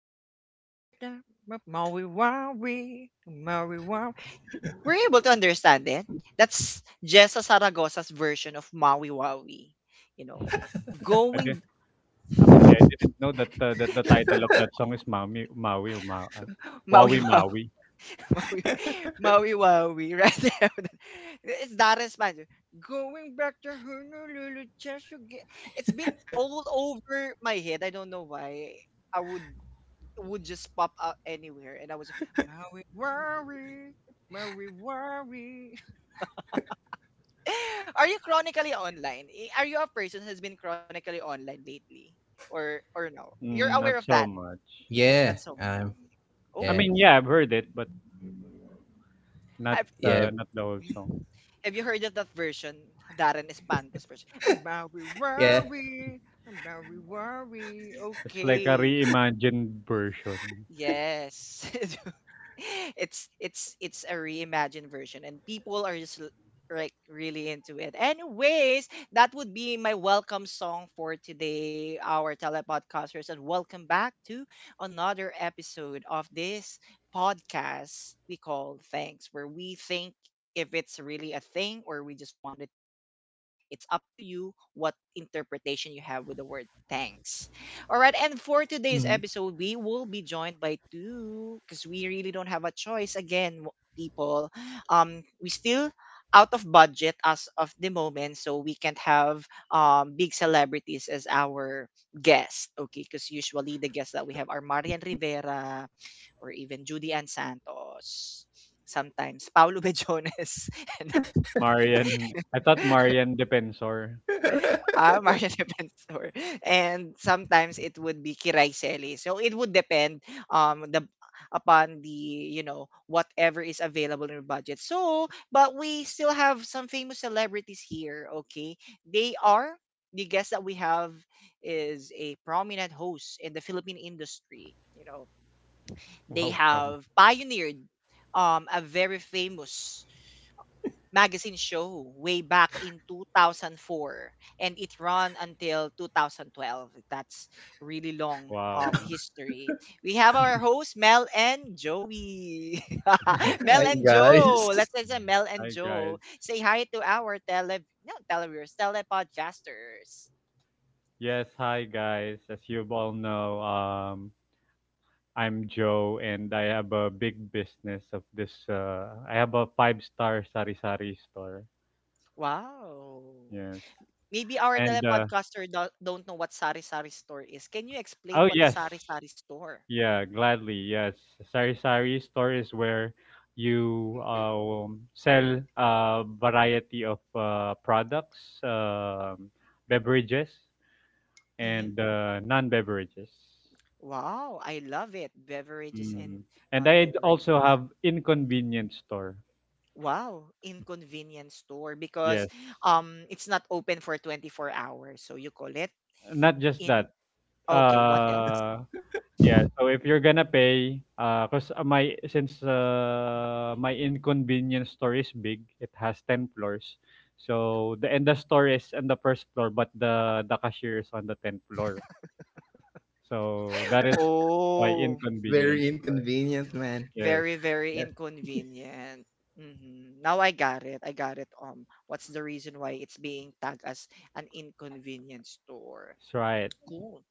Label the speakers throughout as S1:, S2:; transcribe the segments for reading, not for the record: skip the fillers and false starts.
S1: just to get a Maui Waui, Maui Waui. We're you able to understand it. That's Jessa Saragosa's version of Maui Waui. You know,
S2: I did.
S1: going
S2: Actually, I didn't know that the title of that song is Maui Maui, or Ma
S1: Maui
S2: Wawi
S1: Waui,
S2: Maui.
S1: Maui, Maui Waui, right? There. It's not in Spanish. Going back to Honolulu just to get. It's been all over my head. I don't know why. I would. Would just pop out anywhere, and I was like, Maui worry, Maui worry. Are you chronically online? Are you a person who has been chronically online lately, or no? You're
S2: Mm,
S1: aware
S2: not
S1: of that?
S2: so much.
S1: Not
S3: Yeah,
S1: so much.
S2: I
S1: Oh,
S3: yeah,
S2: mean, yeah, I've heard it, but not
S1: have
S3: yeah,
S2: not the whole song.
S1: mm. Have you heard of that version, Darren Espanto's version? Maui
S3: yeah.
S1: worry, Maui worry.
S2: It's like a
S1: Okay,
S2: reimagined version.
S1: yes. It's a reimagined version and people are just like really into it. Anyways, that would be my welcome song for today, our telepodcasters, and welcome back to another episode of this podcast we call Thanks, where we think if it's really a thing or we just wanted to think. It's up to you what interpretation you have with the word thanks. All right, and for today's
S2: Mhm.
S1: episode, we will be joined by two because we really don't have a choice again, people. We still out of budget as of the moment, so we can't have big celebrities as our guest. Okay, because usually the guests that we have are Marian Rivera or even Judy Ann Santos. Sometimes Paulo Bejones and
S2: Marian, I thought Marian Defensor.
S1: ah, Mario Defensor. And sometimes it would be Kiraiselli. So it would depend the upon the you know whatever is available in your budget. So, but we still have some famous celebrities here, okay? They are the guest that we have is a prominent host in the Philippine industry, you know. They
S2: Wow, from
S1: have pioneered a very famous magazine show way back in 2004, and it ran until 2012. That's really long
S2: wow.
S1: history. We have our hosts Mel and Joey. Mel
S3: Hi
S1: and Joe,
S3: guys,
S1: let's say Mel and
S2: Hi guys.
S1: Joe say hi to our tele, no, televiewers, telepodcasters.
S2: Yes, hi guys. As you all know, I'm Joe, and I have a big business of this. I have a five-star sari-sari store.
S1: Wow,
S2: Yes,
S1: maybe our
S2: and
S1: telepodcaster don't know what sari sari store is. Can you explain
S2: oh
S1: what a
S2: yes,
S1: sari sari store.
S2: yeah, gladly yes. Sari-sari store is where you sell a variety of products, um beverages,
S1: Mm-hmm.
S2: and non-beverages.
S1: Wow, I love it. Beverages
S2: Mm.
S1: and
S2: And I
S1: non-beverage.
S2: also have inconvenience store.
S1: Wow, in convenience store because
S2: Yes,
S1: it's not open for 24 hours. So you call it
S2: not just
S1: in.
S2: that.
S1: Okay, what else?
S2: Uh, yeah, so if you're gonna pay, 'cause my since my inconvenience store is big, it has 10 floors. So the and the store is on the first floor, but the cashier is on the 10th floor. So that is why
S1: Oh,
S2: inconvenience.
S3: very inconvenient, man.
S2: Yes.
S1: very very
S3: Yeah,
S1: inconvenient. Hmm, now I got it. I got it. What's the reason why it's being tagged as an inconvenience store?
S2: That's right.
S1: Cool.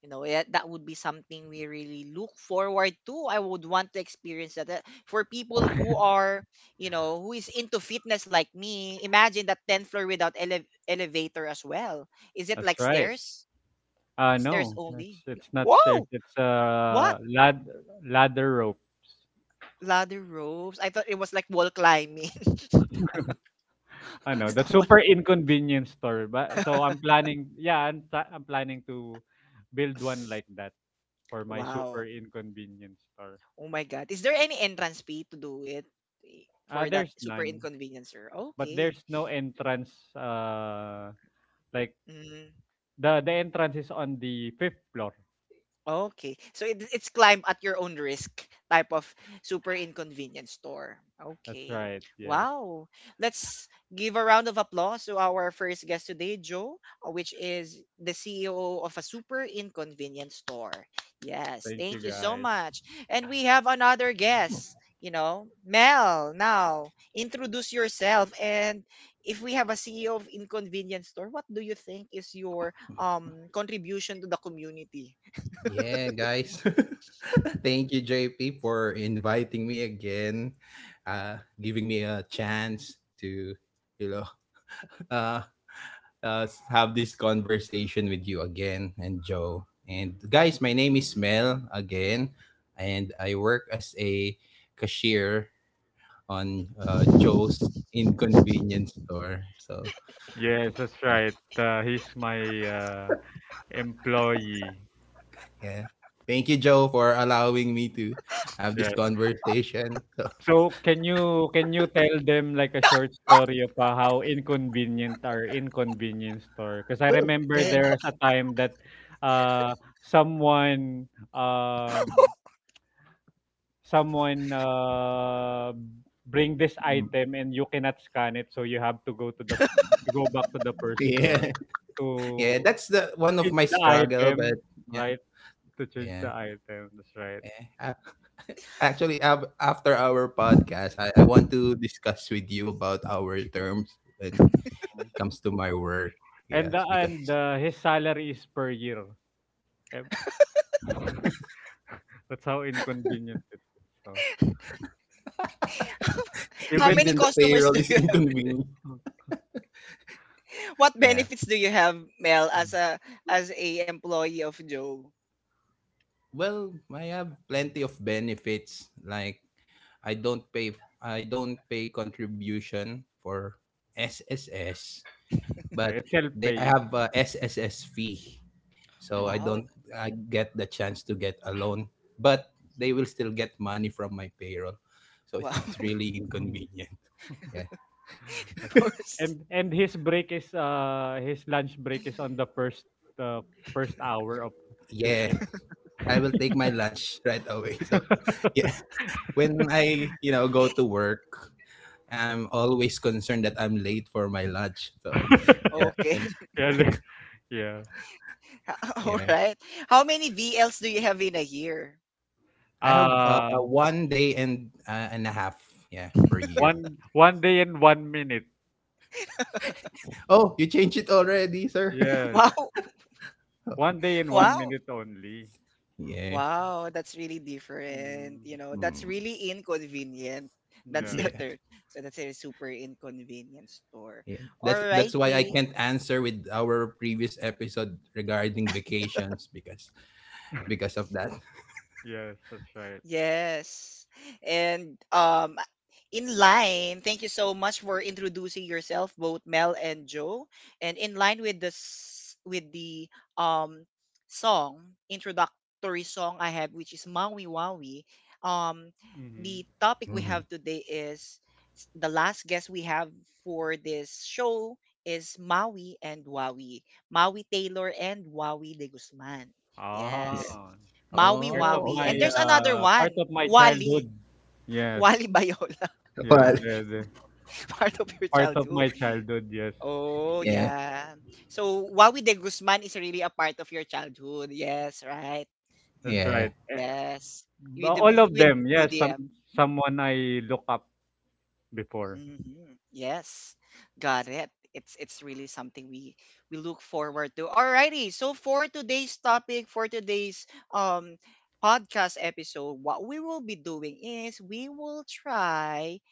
S1: You know, yeah, that would be something we really look forward to. I would want to experience that. For people who are, you know, who is into fitness like me, imagine that 10th floor without elevator as well. Is it
S2: That's
S1: like
S2: right.
S1: stairs? Stairs
S2: No, it's
S1: only.
S2: it's not stairs,
S1: Wow!
S2: it's
S1: What?
S2: ladder ropes.
S1: Ladder ropes? I thought it was like wall climbing.
S2: Ano, that
S1: Someone.
S2: super inconvenience store. But so I'm planning, yeah, I'm planning to build one like that for my
S1: Wow.
S2: super inconvenience store.
S1: Oh my God. Is there any entrance fee to do it, eh, for that
S2: There's
S1: super
S2: none,
S1: inconvenience, sir?
S2: but
S1: Okay.
S2: there's no entrance. Like
S1: Mm-hmm.
S2: the entrance is on the fifth floor.
S1: Okay. So it's climb at your own risk type of super inconvenience store.
S2: That's
S1: Okay.
S2: right. Yes.
S1: Wow. Let's give a round of applause to our first guest today, Joe, which is the CEO of a super inconvenience store. Yes.
S2: Thank you
S1: Thank you so
S2: guys.
S1: much. And we have another guest, you know, Mel. Now, introduce yourself, and if we have a CEO of inconvenience store, what do you think is your contribution to the community?
S3: yeah, guys. Thank you, JP, for inviting me again, uh, giving me a chance to, you know, uh, have this conversation with you again and Joe. And guys, my name is Mel again, and I work as a cashier on Joe's inconvenience store. So
S2: Yes, that's
S3: yeah,
S2: right. He's my uh, employee.
S3: yeah. Thank you, Joe, for allowing me to have
S2: Yeah.
S3: this conversation.
S2: So, can you tell them like a short story of, how inconvenient our inconvenience store? Because
S3: So
S2: I
S3: well,
S2: remember
S3: yeah,
S2: there's a time that uh someone someone bring this item and you cannot scan it, so you have to go to the you go back to the first floor
S3: yeah, yeah.
S2: to
S3: That's the one of my
S2: change the
S3: struggle, but
S2: item,
S3: yeah,
S2: right? To change
S3: yeah.
S2: the item, that's right.
S3: Yeah. Actually, after our podcast, I want to discuss with you about our terms when
S2: Mm.
S3: it comes to my work.
S2: And the
S3: Yes, because
S2: and uh, his salary is per year. Yep. That's how inconvenient it is. So
S1: How
S2: even
S1: many
S3: even the
S1: customers
S3: payroll
S1: do
S3: is
S1: you
S3: inconvenient.
S1: what
S3: Yeah,
S1: benefits do you have, Mel, as a employee of Joe?
S3: well, I have plenty of benefits like I don't pay contribution for SSS,
S2: Yeah,
S3: but
S2: it's
S3: they I
S2: self-pay.
S3: have a SSS fee. So I don't
S1: Wow.
S3: I get the chance to get a loan, but they will still get money from my payroll. So
S1: Wow.
S3: it's
S1: First,
S3: really inconvenient. Yeah.
S2: And his lunch break is on the first hour of his
S3: Yeah.
S2: shift.
S3: I will take my lunch right away. So yeah. When I, you know, go to work, I'm always concerned that I'm late for my lunch. So, yeah,
S1: okay.
S3: when
S2: Yeah,
S3: like
S2: yeah.
S1: All
S3: yeah,
S1: right. How many V Ls do you have in a year?
S3: I have
S2: Uh
S3: one day and a half, yeah, per year.
S2: one day and one minute.
S3: Oh, you changed it already, sir.
S2: Yes.
S1: Wow.
S3: Oh,
S2: One day and one
S1: Wow.
S2: minute only.
S3: yeah.
S1: Wow, that's really different.
S2: Mm.
S1: You know, that's
S3: Hmm.
S1: really inconvenient. That's
S2: Yeah.
S1: the
S3: Yeah,
S1: third. So that's a super inconvenient store.
S3: yeah.
S1: All
S3: That's why I
S1: righty.
S3: can't answer with our previous episode regarding vacations because of that.
S2: Yes, that's right.
S1: Yes. And in line, thank you so much for introducing yourself, both Mel and Joe. And in line with this with the um song, introductory song I have, which is Maui Wawi. Um
S2: Mm-hmm.
S1: the topic we
S3: Mhm.
S1: have today is the last guest we have for this show is Maui and Wawi. Maui Taylor and Wawi de Guzman.
S3: Yeah.
S1: Yes.
S2: Ah,
S1: Maui
S2: Part of
S3: Oh,
S1: Wawi.
S2: my
S1: And
S3: okay.
S1: there's another
S2: uh part
S1: one,
S2: of my
S1: Wali,
S2: childhood. Yes.
S1: Wali Bayola,
S2: Yeah,
S3: But
S2: the
S1: part of your
S2: part of
S1: childhood.
S2: my childhood, yes.
S1: Oh,
S3: yeah.
S1: yeah. So Wawi de Guzman is really a part of your childhood. Yes, right.
S2: That's
S3: Yeah.
S2: right. Eh,
S1: Yes.
S2: all of
S1: With
S2: them, yes,
S1: Judy.
S2: someone I look up before.
S1: Mhm, yes. Got it. It's really something we look forward to. Alrighty. So for today's topic, for today's um podcast episode, what we will be doing is we will try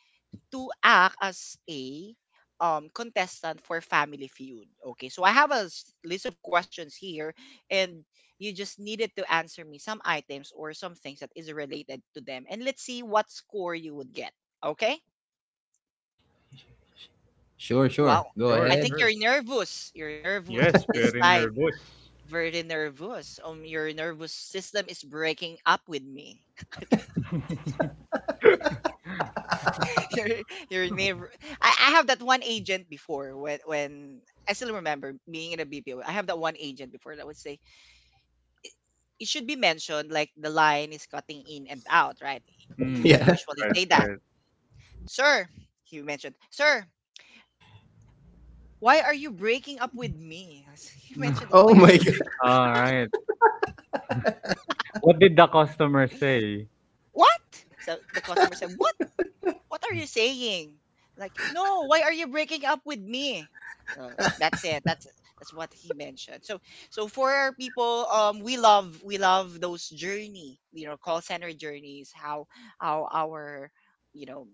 S1: to act as a contestant for Family Feud. Okay, so I have a list of questions here, and you just needed to answer me some items or some things that is related to them, and let's see what score you would get. Okay,
S3: Sure, sure.
S1: wow.
S3: Go
S2: Sure,
S1: I
S3: ahead.
S1: think
S2: sure.
S1: you're nervous. You're
S2: Yes,
S1: nervous this
S2: very
S1: time.
S2: nervous.
S1: Very nervous. Your nervous system is breaking up with me. your your neighbor. I have that one agent before when I still remember being in a BPO. I have that one agent before that would say it should be mentioned like the line is cutting in and out, right? You would
S2: Hmm.
S3: yeah.
S1: usually
S2: Right,
S1: say that,
S2: right.
S1: sir. He mentioned, sir. Why are you breaking up with me? He mentioned that.
S3: Oh
S1: Why are
S3: my
S1: you
S3: god.
S1: breaking?
S2: All right. What did the customer say?
S1: What? So the customer said, "What? What are you saying? Like, no, why are you breaking up with me? Uh, that's it. That's what he mentioned. So so for our people, we love those journey, you know, call center journeys. How our you know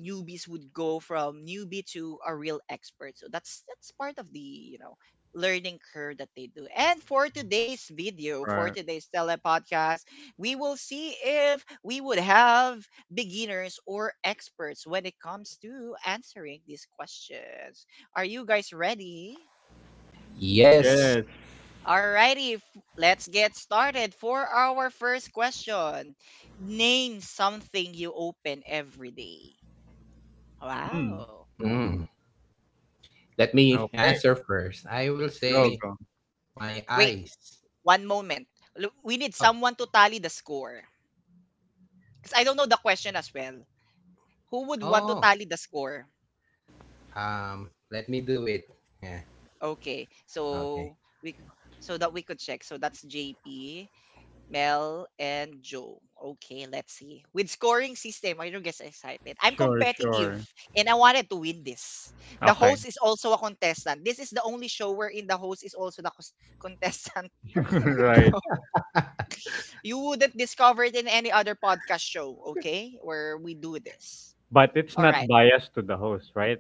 S1: newbies would go from newbie to a real expert. So that's part of the you know learning curve that they do. And for today's video, for
S2: Right.
S1: today's telepodcast, we will see if we would have beginners or experts when it comes to answering these questions. Are you guys ready?
S2: Yes.
S3: Yes.
S1: Alrighty, let's get started for our first question. Name something you open every day.
S2: Hmm.
S1: Wow.
S3: Mm. Let me
S2: Okay.
S3: answer first. I will
S2: Go,
S1: We
S2: go.
S3: say my
S1: wait,
S3: eyes.
S1: one moment. We need
S3: Oh,
S1: someone to tally the score. Because I don't know the question as well. Who would want to
S3: oh.
S1: tally the score?
S3: Let me do it. Yeah.
S1: Okay. So
S3: Okay.
S1: we so that we could check. So that's JP, Mel, and Joe. Okay, let's see. With scoring system, I don't get excited. I'm
S2: Sure,
S1: competitive
S2: sure.
S1: and I wanted to win this. The
S2: Okay.
S1: host is also a contestant. This is the only show wherein the host is also the contestant.
S2: Right.
S1: You wouldn't discover it in any other podcast show, okay? Where we do this.
S2: But it's
S1: All
S2: not
S1: right.
S2: biased to the host, right?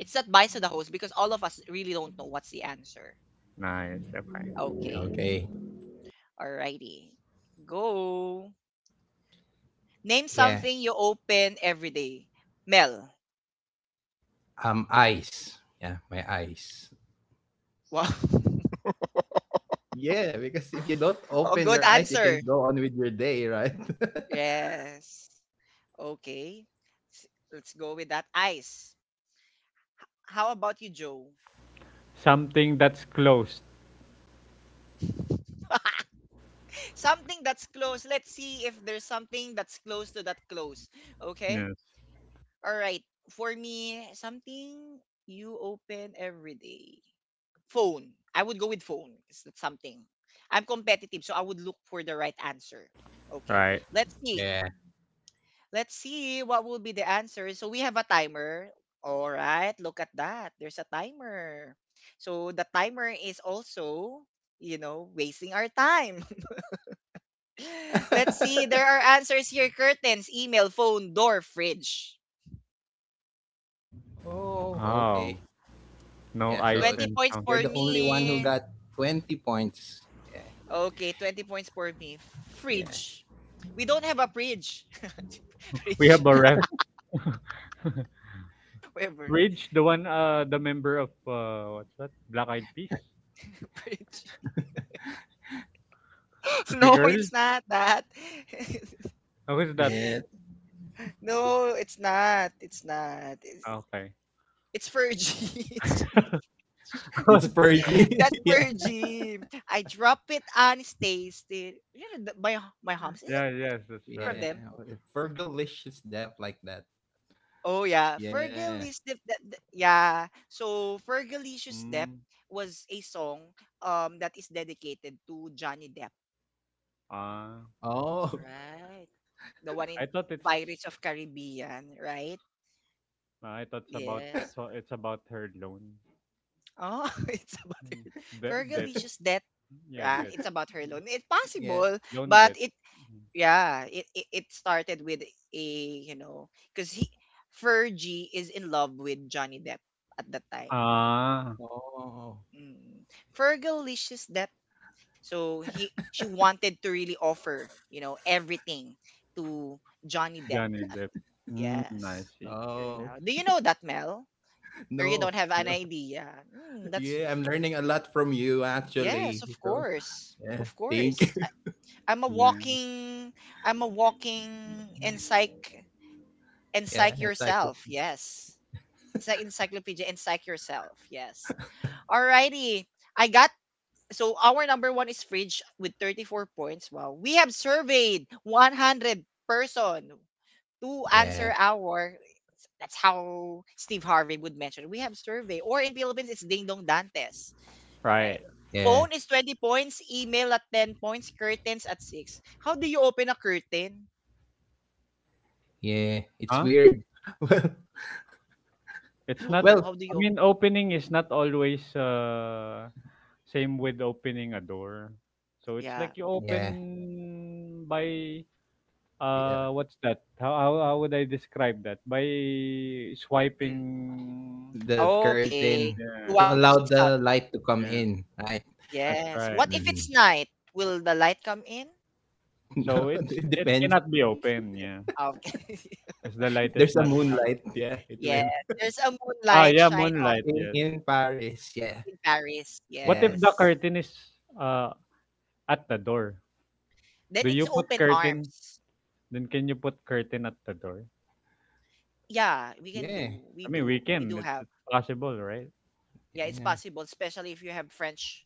S1: It's not biased to the host because all of us really don't know what's the answer.
S2: Nice. Okay.
S1: Okay.
S3: Okay.
S1: All righty. Go. Name
S3: Yeah,
S1: something you open every day. Mel.
S3: eyes. Yeah, my eyes.
S1: Wow.
S3: Yeah, because if you don't
S1: Oh,
S3: open
S1: good
S3: your eyes, you
S1: answer.
S3: can't go on with your day, right?
S1: Yes. Okay. S- Let's go with that. Ice. How about you, Joe?
S2: Something that's closed.
S1: Something that's close. Let's see if there's something that's close to that close. Okay?
S2: Yes.
S1: All right. For me, something you open every day. Phone. I would go with phone. It's something. I'm competitive, so I would look for the right answer. Okay.
S2: Right.
S1: Let's see.
S3: Yeah.
S1: Let's see what will be the answer. So we have a timer. All right. Look at that. There's a timer. So the timer is also, you know, wasting our time. Let's see. There are answers here curtains, email, phone, door, fridge.
S3: Oh,
S2: Oh,
S3: okay.
S2: no
S3: Yeah,
S2: ice
S3: so
S1: 20
S2: and
S1: points
S2: sound.
S1: for
S3: you're the only one who
S1: me.
S3: got 20 points. Yeah,
S1: Okay, 20 points for me.
S3: yeah.
S1: Fridge. We don't have a fridge.
S2: We
S1: Fridge.
S2: have a ref.
S1: Whatever.
S2: Fridge, the one, the member of, what's that? Black Eyed Peas?
S1: Fridge.
S2: The
S1: No,
S2: girl?
S1: it's not that.
S2: Oh, who's that?
S3: Yeah,
S1: No, it's not. It's not.
S2: Okay.
S1: It's Fergie.
S3: it's
S1: That's
S3: Fergie. Yeah,
S1: Fergie. I drop it and taste it. You know, the- my hums. Is
S2: Yeah,
S1: it
S2: yes, that's
S1: from
S2: right.
S3: yeah.
S1: them?
S3: Fergalicious is deaf like that.
S1: Oh, yeah. Fergalicious
S3: Yeah.
S1: Dep. Yeah. So, Fergalicious Dep
S2: Mm,
S1: was a song that is dedicated to Johnny Depp.
S2: uh,
S3: Oh,
S1: Right. The one in
S2: I thought it's,
S1: Pirates of Caribbean, right?
S2: I thought it's about,
S1: Yes.
S2: it's, a- it's about her loan.
S1: Oh, it's about
S2: Mm. Debt.
S1: Fergalicious death.
S2: Yeah,
S1: Yeah,
S2: debt.
S1: it's about her alone. It's
S3: yeah.
S1: possible,
S2: Loan
S1: but
S2: debt.
S1: it
S2: Mm.
S1: yeah, it started with a you know because he Fergie is in love with Johnny Depp at that time.
S2: Ah.
S3: Oh,
S1: Mm. Fergalicious Depp. So he she wanted to really offer you know everything to Johnny Depp
S2: Johnny
S1: at
S2: Depp. Mm, I
S1: yes.
S2: see.
S1: You
S3: oh.
S1: know. Do you know that, Mel? Or you
S3: No,
S1: don't have an
S3: no.
S1: idea? Hmm, that's
S3: Yeah, I'm learning a lot from you
S1: yes,
S3: actually.
S1: of
S3: So
S1: course.
S3: yeah,
S1: Of
S3: thank
S1: course.
S3: you.
S1: I, I'm a
S2: Yeah.
S1: walking I'm a walking encyc
S3: Yeah,
S1: encyc
S3: exactly.
S1: yourself. Yes. It's like encyclopedia encyc yourself. Yes. Alrighty. I got so our number one is fridge with 34 points. Wow. We have surveyed 100 person. To answer
S3: Yeah,
S1: our that's how Steve Harvey would mention. We have survey. Or in Philippines, it's Ding Dong Dantes, right?
S2: Right.
S3: yeah,
S1: Phone is 20 points, email at 10 points, curtains at 6. How do you open a curtain?
S3: yeah. It's
S2: Huh?
S3: weird.
S2: It's
S1: No,
S2: not.
S3: Well,
S1: no.
S3: well,
S1: How do
S2: I
S1: you open?
S2: mean, opening is not always same with opening a door. So it's
S1: Yeah.
S2: like you
S3: yeah,
S2: open by,
S3: yeah.
S2: what's that? How would I describe that? By
S1: Mm.
S2: swiping,
S3: The
S1: Okay.
S3: curtain
S1: You
S2: yeah,
S3: to
S1: wanted to
S3: allow
S1: see something.
S3: the light to come
S2: yeah.
S3: in, right?
S2: That's
S1: Yes.
S2: right.
S1: What if it's
S3: Hmm.
S1: night? Will the light come in?
S2: So
S3: No,
S2: it's
S3: it
S2: it
S3: depends.
S2: cannot be open,
S1: Yep.
S2: yeah.
S1: Okay.
S2: Because the light
S3: If
S2: is
S3: there's a
S2: not.
S3: moonlight, yeah, it
S1: Yes.
S3: will.
S1: There's a
S2: Ah,
S1: moonlight
S2: yeah,
S1: shine on
S2: moonlight,
S3: In
S2: yes.
S3: in Paris, yeah,
S1: in Paris.
S2: What if
S3: yeah,
S2: the
S1: Yes.
S2: curtain is uh at the door?
S1: Then
S2: Do you
S1: it's
S2: put
S1: open
S2: curtain?
S1: arms.
S2: Then can you put curtain at the door?
S1: Yeah, we can
S3: yeah,
S1: do. We
S2: I mean, we
S1: do. We
S2: can.
S1: do
S2: It's,
S1: have.
S2: it's possible, right?
S1: Yeah, it's
S3: yeah,
S1: possible, especially if you have French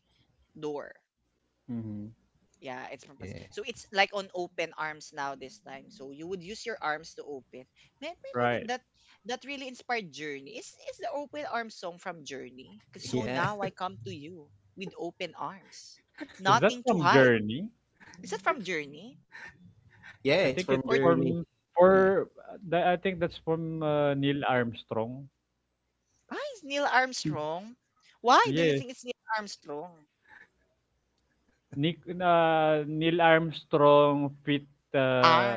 S1: door.
S2: Mm-hmm.
S1: Yeah, it's purpose.
S3: yeah,
S1: So it's like on open arms now this time. So you would use your arms to open. May- Maybe th-
S2: Right.
S1: that that really inspired Journey. Is the open arms song from Journey? 'Cause so
S3: yeah,
S1: now I come to you with open arms,
S2: Is that
S1: nothing to
S2: from
S1: hide.
S2: Journey?
S1: Is that from Journey
S3: yeah.
S2: I
S3: It's
S2: think
S3: from
S2: it's
S1: or
S3: Journey.
S2: from
S3: Yeah,
S2: for uh, I think that's from Neil Armstrong.
S1: why is Neil Armstrong? Why do you
S2: Yes.
S1: think it's Neil Armstrong?
S2: Nick, Neil Armstrong fit, uh,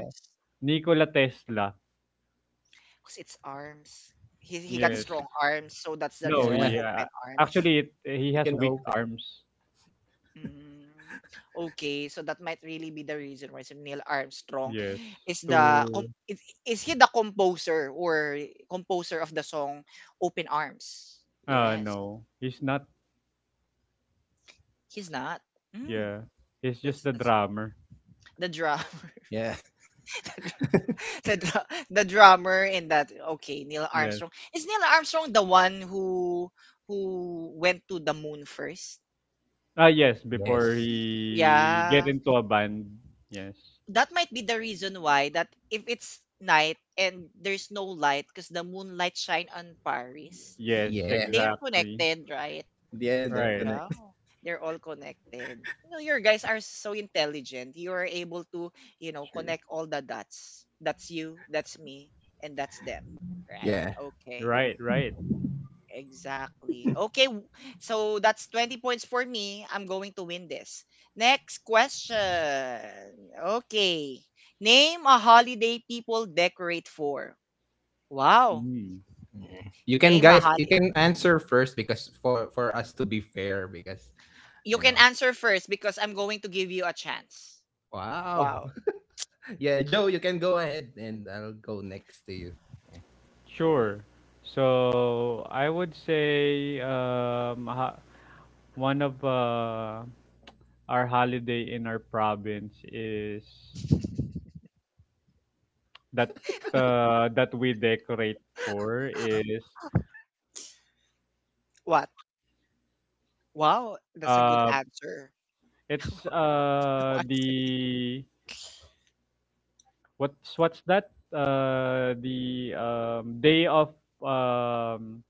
S2: Nikola Tesla.
S1: 'Cause it's arms. He got
S2: Yes.
S1: strong arms, so that's the
S2: No,
S1: reason why
S3: yeah.
S2: he
S1: open arms.
S2: actually he
S3: You
S2: has
S3: can
S2: weak
S3: open.
S2: arms.
S1: Mm. Okay, so that might really be the reason why so Neil Armstrong
S2: Yes.
S1: is the
S2: To
S1: com- is he the composer or composer of the song Open Arms? Yes,
S2: no, he's not.
S1: he's not. Mm.
S2: Yeah. He's just
S1: That's
S2: the
S1: that's
S2: drummer.
S1: the drummer.
S3: Yeah.
S1: the, dru- the dr- the drummer in that. Okay, Neil
S2: Yes.
S1: Armstrong, is Neil Armstrong the one who went to the moon first?
S2: Ah, yes, before
S3: Yes.
S2: he get
S1: Yeah,
S2: into a band. Yes.
S1: that might be the reason why that if it's night and there's no light because the moonlight shine on Paris,
S2: Yes,
S3: Yeah.
S1: they're
S2: exactly.
S1: connected, right?
S3: Yeah, they're
S2: Right.
S1: Yeah.
S3: connected.
S1: They're all connected. You know, your guys are so intelligent. You are able to,
S2: True.
S1: connect all the dots. That's you, that's me, and that's them. Right.
S3: Yeah.
S1: Okay.
S2: Right, right.
S1: Exactly. So that's 20 points for me. I'm going to win this. Next question. Okay. Name a holiday people decorate for. Wow.
S2: Mm.
S3: Yeah. You can
S1: Name a
S3: guys, you
S1: holiday.
S3: can answer first because for us to be fair, because
S1: You
S3: you
S1: can
S3: know,
S1: answer first because I'm going to give you a chance.
S3: wow,
S1: Wow.
S3: yeah, Joe, you can go ahead and I'll go next to you.
S2: Sure. So I would say one of our holiday in our province is that that we decorate for is
S1: What? Wow, that's a good
S2: uh
S1: answer.
S2: it's
S1: No answer yet.
S2: the. What's that? The day of um,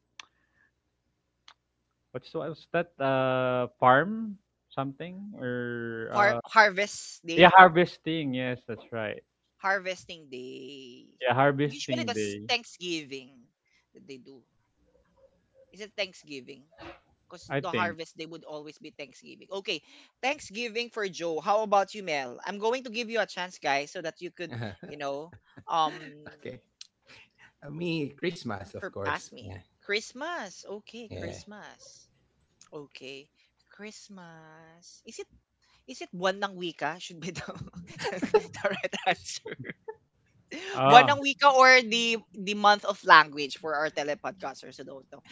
S2: what's that? Farm something or
S1: Har- harvest
S2: yeah,
S1: day?
S2: harvesting. Yes, that's right.
S1: Harvesting day.
S2: Yeah,
S1: Usually
S2: harvesting
S1: that's
S2: day.
S1: Thanksgiving that they do. Is it Thanksgiving? Because
S2: I
S1: the
S2: think.
S1: harvest day would always be Thanksgiving. Okay, Thanksgiving for Joe. How about you, Mel? I'm going to give you a chance, guys, so that you could,
S3: Yeah.
S1: you know, um,
S3: Okay. Me, Christmas, of
S1: surpass
S3: course.
S1: me.
S3: Yeah,
S1: Christmas. Okay,
S3: yeah,
S1: Christmas. Okay, Christmas. Is it one ng wika? Should be the, the right answer. One ang
S2: Ah,
S1: wika or the month of language for our telepodcasters who don't know.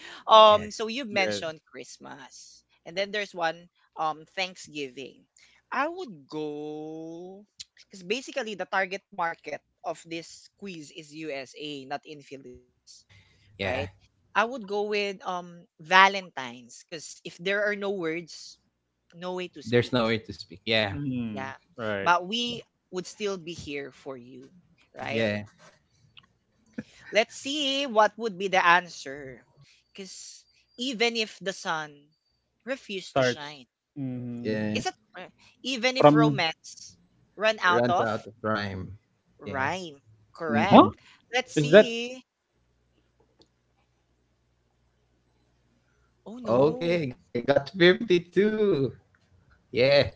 S3: yeah,
S1: So you
S2: yeah.
S1: mentioned Christmas, and then there's one Thanksgiving. I would go because basically the target market of this quiz is USA, not in Philippines,
S3: yeah.
S1: right? I would go with Valentine's because if there are no words, no way to
S3: There's
S1: speak.
S3: nowhere to speak. Yeah,
S1: Yeah,
S2: Mm, right.
S1: but we would still be here for you, right?
S3: yeah.
S1: Let's see what would be the answer. Because even if the sun refused to
S2: Starts
S1: shine,
S2: mm,
S3: Yeah,
S1: is it even if
S2: from.
S1: romance run out
S3: runs out
S1: of
S3: of rhyme. Yeah.
S1: rhyme? Correct.
S2: Huh?
S3: Mhm.
S1: Let's
S2: Is that?
S1: see. Oh no,
S3: Okay, I got 52. Yeah,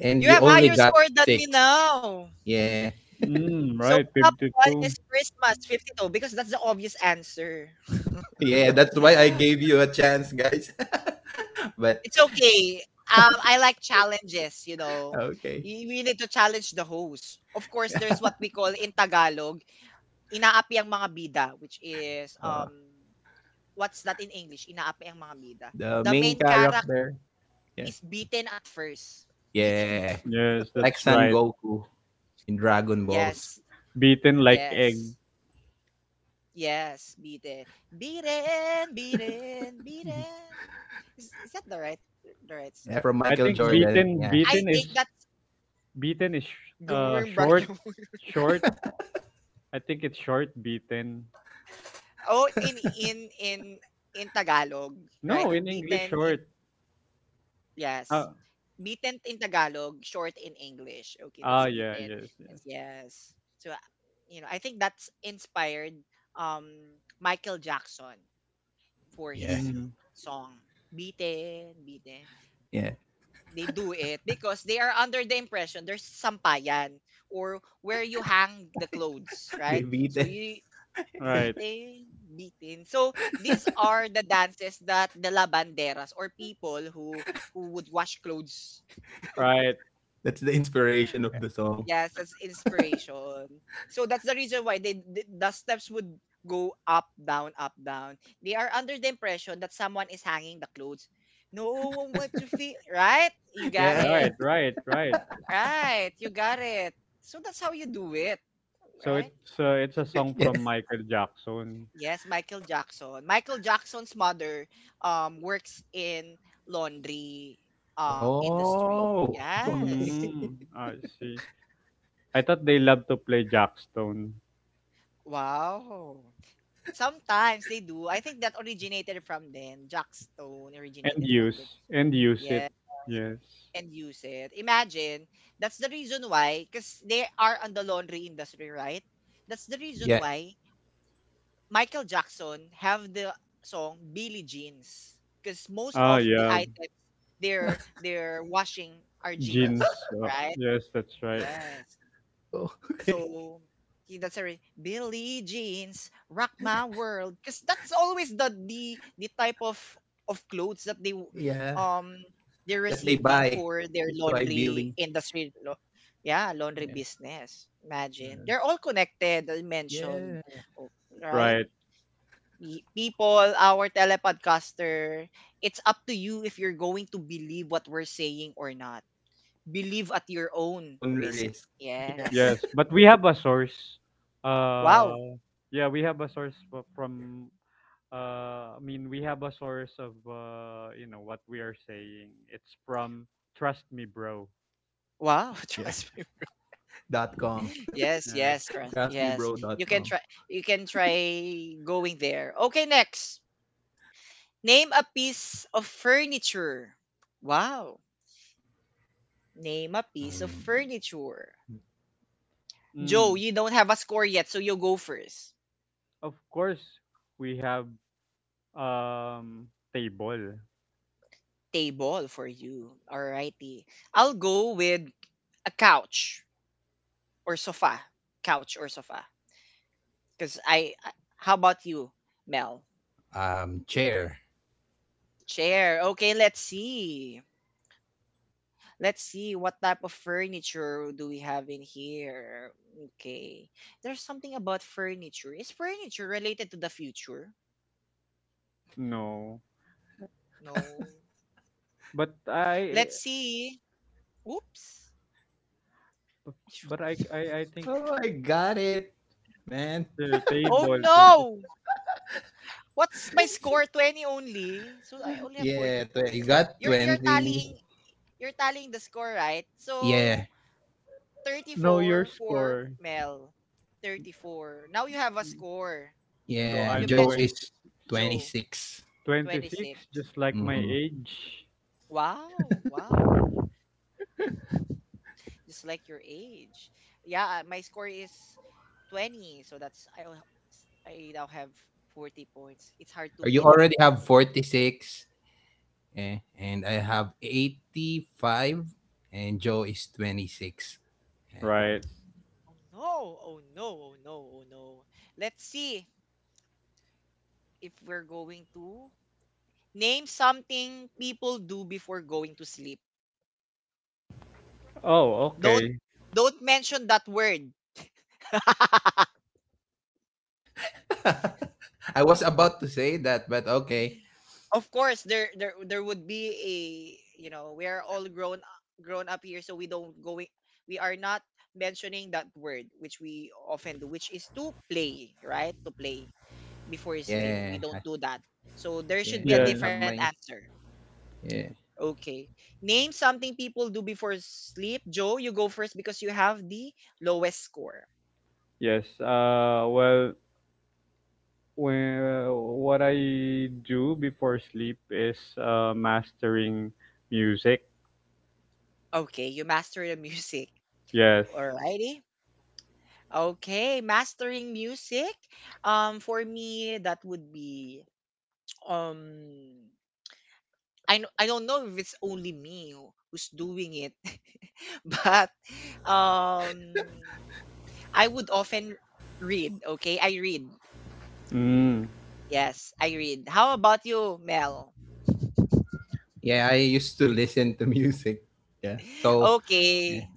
S3: and
S1: you
S3: you
S1: have
S3: only
S1: higher
S3: got
S1: score than me
S3: six.
S1: now.
S3: Yeah,
S2: Mm,
S1: So
S2: right.
S1: top one is
S2: 52.
S1: Christmas 52 because that's the obvious answer.
S3: yeah, that's why I gave you a chance, guys. But
S1: It's okay. I like challenges.
S3: okay,
S1: We need to challenge the host. Of course, there's what we call in Tagalog Inaapi ang mga bida, which is,
S3: uh,
S1: what's that in English? Inaapi ang mga bida.
S3: the
S1: The
S3: main
S1: main character
S3: character. Yeah,
S1: is beaten at first. Beaten at
S3: yeah,
S1: first.
S2: Yes, that's
S3: like Son
S2: right.
S3: Goku in Dragon Balls.
S1: Yes,
S2: Beaten like egg.
S1: yes, yes, beaten. Beaten, beaten,
S2: Mhm.
S1: beaten. Is that the right
S3: Yeah,
S1: song
S3: from
S1: for that?
S2: I
S3: Michael
S2: think
S1: So
S3: Jordan.
S2: beaten
S3: Yeah,
S1: I
S2: beaten
S1: think
S2: is
S1: that's
S2: Beaten is
S1: going back
S2: short,
S1: to
S2: short. I think it's short beaten.
S1: oh in Tagalog, right?
S2: No, in English,
S1: Beaten in.
S2: short.
S1: Yes.
S2: Ah,
S1: Bitin in Tagalog, short in English. Okay,
S2: ah,
S1: that's
S2: yeah,
S1: bitin.
S2: yes, yes.
S1: Yes. So, I think that's inspired Michael Jackson for
S3: yeah,
S1: his
S2: Mm-hmm.
S1: song Bitin, Bitin.
S3: yeah.
S1: They do it because they are under the impression there's sampayan or where you hang the clothes,
S3: They
S1: right?
S3: beat
S1: So
S3: it.
S1: you
S2: Right,
S1: bitin, bitin. So these are the dances that the lavanderas or people who would wash clothes.
S2: right,
S3: That's the inspiration of the song.
S1: Yes, as inspiration. So that's the reason why they, the steps would go up, down, up, down. They are under the impression that someone is hanging the clothes. No one wants to feel right. You got
S3: Yeah.
S2: right,
S1: it.
S2: right, right.
S1: Right. You got it. So that's how you do it,
S2: So
S1: right?
S2: it's a song from Michael Jackson.
S1: Yes, Michael Jackson. Michael Jackson's mother works in laundry industry.
S3: Oh, okay.
S1: Yes.
S2: Mm, I see. I thought they love to play Jackstone
S1: Wow. Sometimes they do. I think that originated from them. Jack Stone
S2: and
S1: originated
S2: use
S1: from them.
S2: and use it.
S1: Yeah,
S2: Yes.
S1: and use it. Imagine, that's the reason why, because they are on the laundry industry, right? That's the
S3: Yeah.
S1: reason why Michael Jackson have the song Billie Jeans. Because most
S2: Ah,
S1: of the
S2: yeah.
S1: items they're washing are
S2: Jeans.
S1: jeans,
S2: Uh,
S1: right?
S2: yes, that's right.
S1: Yes.
S3: Oh, okay.
S1: So he that's a Billie Jeans rock my world because that's always the type of clothes that they
S3: Yeah.
S1: um they're
S3: That they
S1: receiving
S3: buy.
S1: for their
S3: That's why
S1: laundry
S3: Billy.
S1: industry. Yeah, laundry
S3: Yeah.
S1: business. Imagine
S3: Uh,
S1: they're all connected. I
S3: yeah.
S1: o- right?
S2: Right.
S1: People, our telepodcaster. It's up to you if you're going to believe what we're saying or not. Believe at your own
S3: On
S1: risk.
S3: risk. Yeah.
S2: Yes,
S1: Yes.
S2: but we have a source.
S1: Wow.
S2: Uh, yeah, we have a source from. I mean, we have a source of what we are saying. It's from Trust Me, Bro.
S1: Wow,
S3: Yeah.
S1: trust me.
S3: Dot com.
S1: Yes,
S2: Yeah.
S1: yes,
S3: Trust me, bro.
S1: trust. Yes. You can
S3: Trustmebro.com.
S1: try you can try going there. Okay, next. Name a piece of furniture. Wow. Name a piece of
S3: Mm,
S1: furniture. Joe,
S2: Mm,
S1: you don't have a score yet, so you go first.
S2: of course, we have um table.
S1: Table for you. Alrighty. I'll go with a couch or sofa. Couch or sofa. Cause how about you, Mel?
S3: chair.
S1: Chair. Okay, let's see. Let's see what type of furniture do we have in here. Okay. There's something about furniture. Is furniture related to the future?
S2: No,
S1: No.
S2: but I,
S1: Let's see. Oops. Shoot.
S2: but I think
S3: Oh, I got it, man.
S2: the
S1: Oh
S2: table. 20,
S1: no! What's my score? 20 only. So I only have 40
S3: Yeah. You
S1: points.
S3: got
S1: You're you're
S3: 20.
S1: tallying you're tallying the score, right?
S3: Yeah.
S1: So
S2: no, your
S1: 34 for
S2: score.
S1: Mel. 34. Now you have a score.
S2: So
S3: Yeah.
S1: You
S2: I'm
S3: Joe
S2: 20,
S1: mentioned
S3: is
S1: Joe,
S3: 26.
S1: 26.
S2: 26, just like my
S3: Mhm.
S2: age.
S1: Wow, wow. Just like your age. Yeah, my score is 20, so that's I now have 40
S3: Or you
S1: points. It's
S3: already
S1: hard
S3: have
S1: to beat.
S3: 46. Eh, and I have 85 and Joe is 26. Yeah.
S2: Right.
S1: Oh no, oh no, oh no, oh no. Let's see if we're going to name something people do before going to sleep.
S2: Oh,
S1: Don't
S2: okay.
S1: don't mention that word.
S3: I was about to say that, but okay.
S1: Of course, there would be a we are all grown up here, so we don't going we are not mentioning that word which we often do, which is to play, right? To play before you sleep, we
S3: Yeah.
S1: don't do that. So there should be
S3: Yeah,
S1: a
S2: Yes.
S3: don't
S1: different
S3: have my
S1: answer.
S3: yeah.
S1: Okay, name something people do before sleep. Joe, you go first because you have the lowest score.
S2: Yes. Well, when, what I do before sleep is mastering music.
S1: Okay, you master the music.
S2: Yes.
S1: Alrighty. Okay, mastering music. For me, that would be um, I don't know if it's only me who's doing it, but um, I would often read. Okay, I read.
S2: Mm.
S1: Yes, I read. How about you, Mel?
S3: Yeah, I used to listen to music. Yeah. So, yeah.
S1: Okay.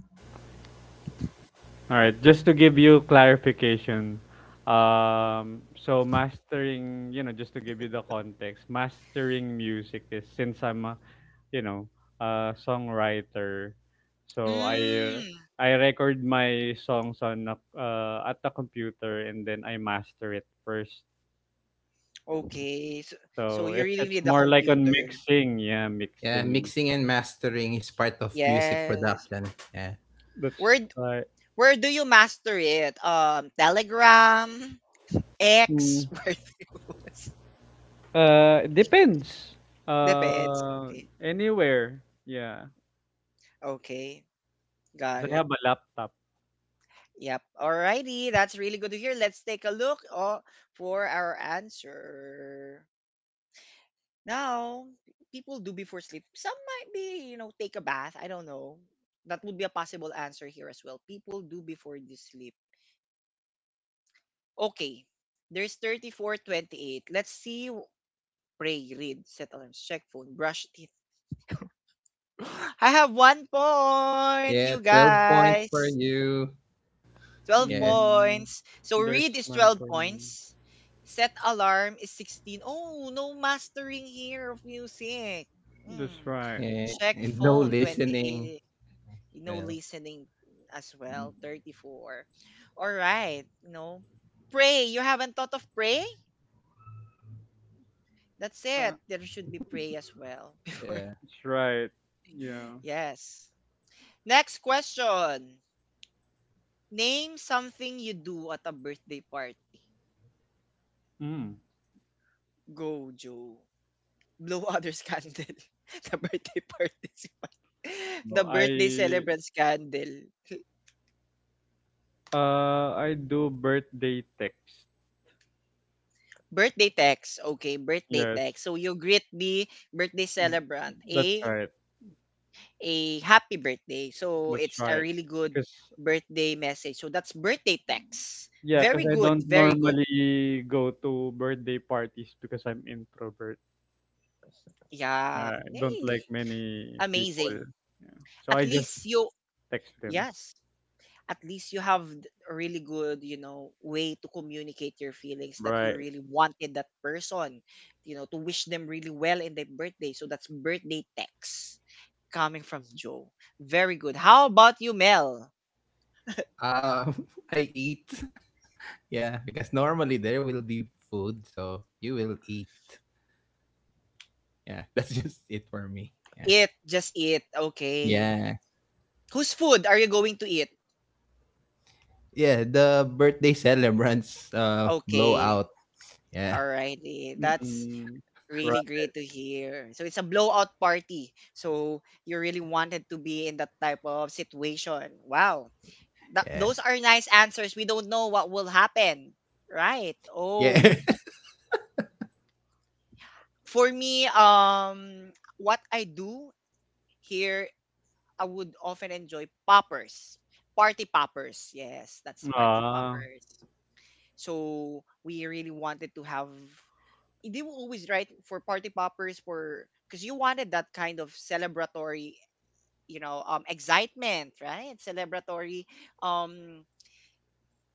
S2: All right, just to give you clarification, so mastering, just to give you the context, mastering music is since I'm, a, you know, a songwriter, so I
S1: Mm,
S2: I record my songs at the computer and then I master it first.
S1: okay. So
S2: So
S1: you
S2: it's
S1: really
S2: it's
S1: need a
S2: more like on
S1: computer.
S2: mixing, yeah,
S3: Yeah,
S2: mixing
S3: mixing and
S2: songs.
S3: mastering is part of music
S1: Yes.
S3: production. Yeah.
S2: That's
S1: Where
S2: right.
S1: where do you master it? Telegram. X
S2: Mm,
S1: worthless.
S2: it depends.
S1: Depends. Okay.
S2: Anywhere, yeah.
S1: Okay. Got
S2: Because I have
S1: it.
S2: a laptop.
S1: Yep. Alrighty. That's really good to hear. Let's take a look for our answer. Now, people do before sleep. Some might be, take a bath. I don't know. That would be a possible answer here as well. People do before they sleep. Okay. There's 3428. Let's see. Pray, read, set alarms, check phone, brush teeth. I have 1 point,
S3: Yeah,
S1: you
S3: 12 points for
S1: guys.
S3: you.
S1: 12
S3: Yeah.
S2: Mm,
S1: points. So read
S2: there's
S1: is
S2: none
S1: 12
S2: for me.
S1: points. Set alarm is 16. Oh, no mastering here of music.
S2: That's
S1: Hmm.
S2: right.
S3: Yeah,
S1: Check
S3: and no
S1: phone
S3: listening.
S1: 28. No
S3: Well,
S1: listening as
S3: mm,
S1: well 34. All right, no. Pray. You haven't thought of pray? That's it.
S2: Uh,
S1: There should be pray as well before.
S3: yeah.
S2: that's right. Yeah.
S1: Yes. Next question. Name something you do at a birthday party.
S2: Mm.
S1: Go, Joe. Blue others Scandal. The birthday participant.
S2: No,
S1: The birthday
S2: I
S1: celebrant scandal.
S2: uh I do birthday text.
S1: Birthday text. Okay, birthday
S2: Yes.
S1: text. So you greet the birthday
S2: Mm,
S1: celebrant
S2: That's
S1: a
S2: right.
S1: a happy birthday. So
S2: That's
S1: it's a
S2: right.
S1: really good
S2: Cause
S1: birthday message. So that's birthday text.
S2: yeah, cause
S1: Very
S2: I
S1: good,
S2: don't
S1: very good.
S2: normally go to birthday parties because I'm introvert.
S1: Yeah.
S2: I don't
S1: Eh,
S2: like many people.
S1: amazing.
S2: Yeah. So
S1: At
S2: I just
S1: least you,
S2: text them.
S1: yes, at least you have a really good way to communicate your feelings that you
S2: Right.
S1: really wanted that person, to wish them really well in their birthday, so that's birthday text coming from Joe. Very good. How about you, Mel?
S3: Um, I eat. Yeah, because normally there will be food, so you will eat. Yeah, that's just it for me. Yeah.
S1: Eat, just eat. Okay,
S3: Yeah.
S1: whose food are you going to eat?
S3: Yeah, the birthday celebrants
S1: Okay,
S3: blowout. Yeah.
S1: alrighty, that's
S2: Mm,
S1: really great to hear. So it's a blowout party, so you really wanted to be in that type of situation. Wow. Th-
S3: Yeah.
S1: those are nice answers. We don't know what will happen. Right.
S3: Yeah.
S1: Oh. For me, what I do here, I would often enjoy poppers. Party poppers. Yes, that's party
S2: Ah,
S1: poppers. So we really wanted to have they were always right for party poppers for because you wanted that kind of celebratory excitement, right, celebratory um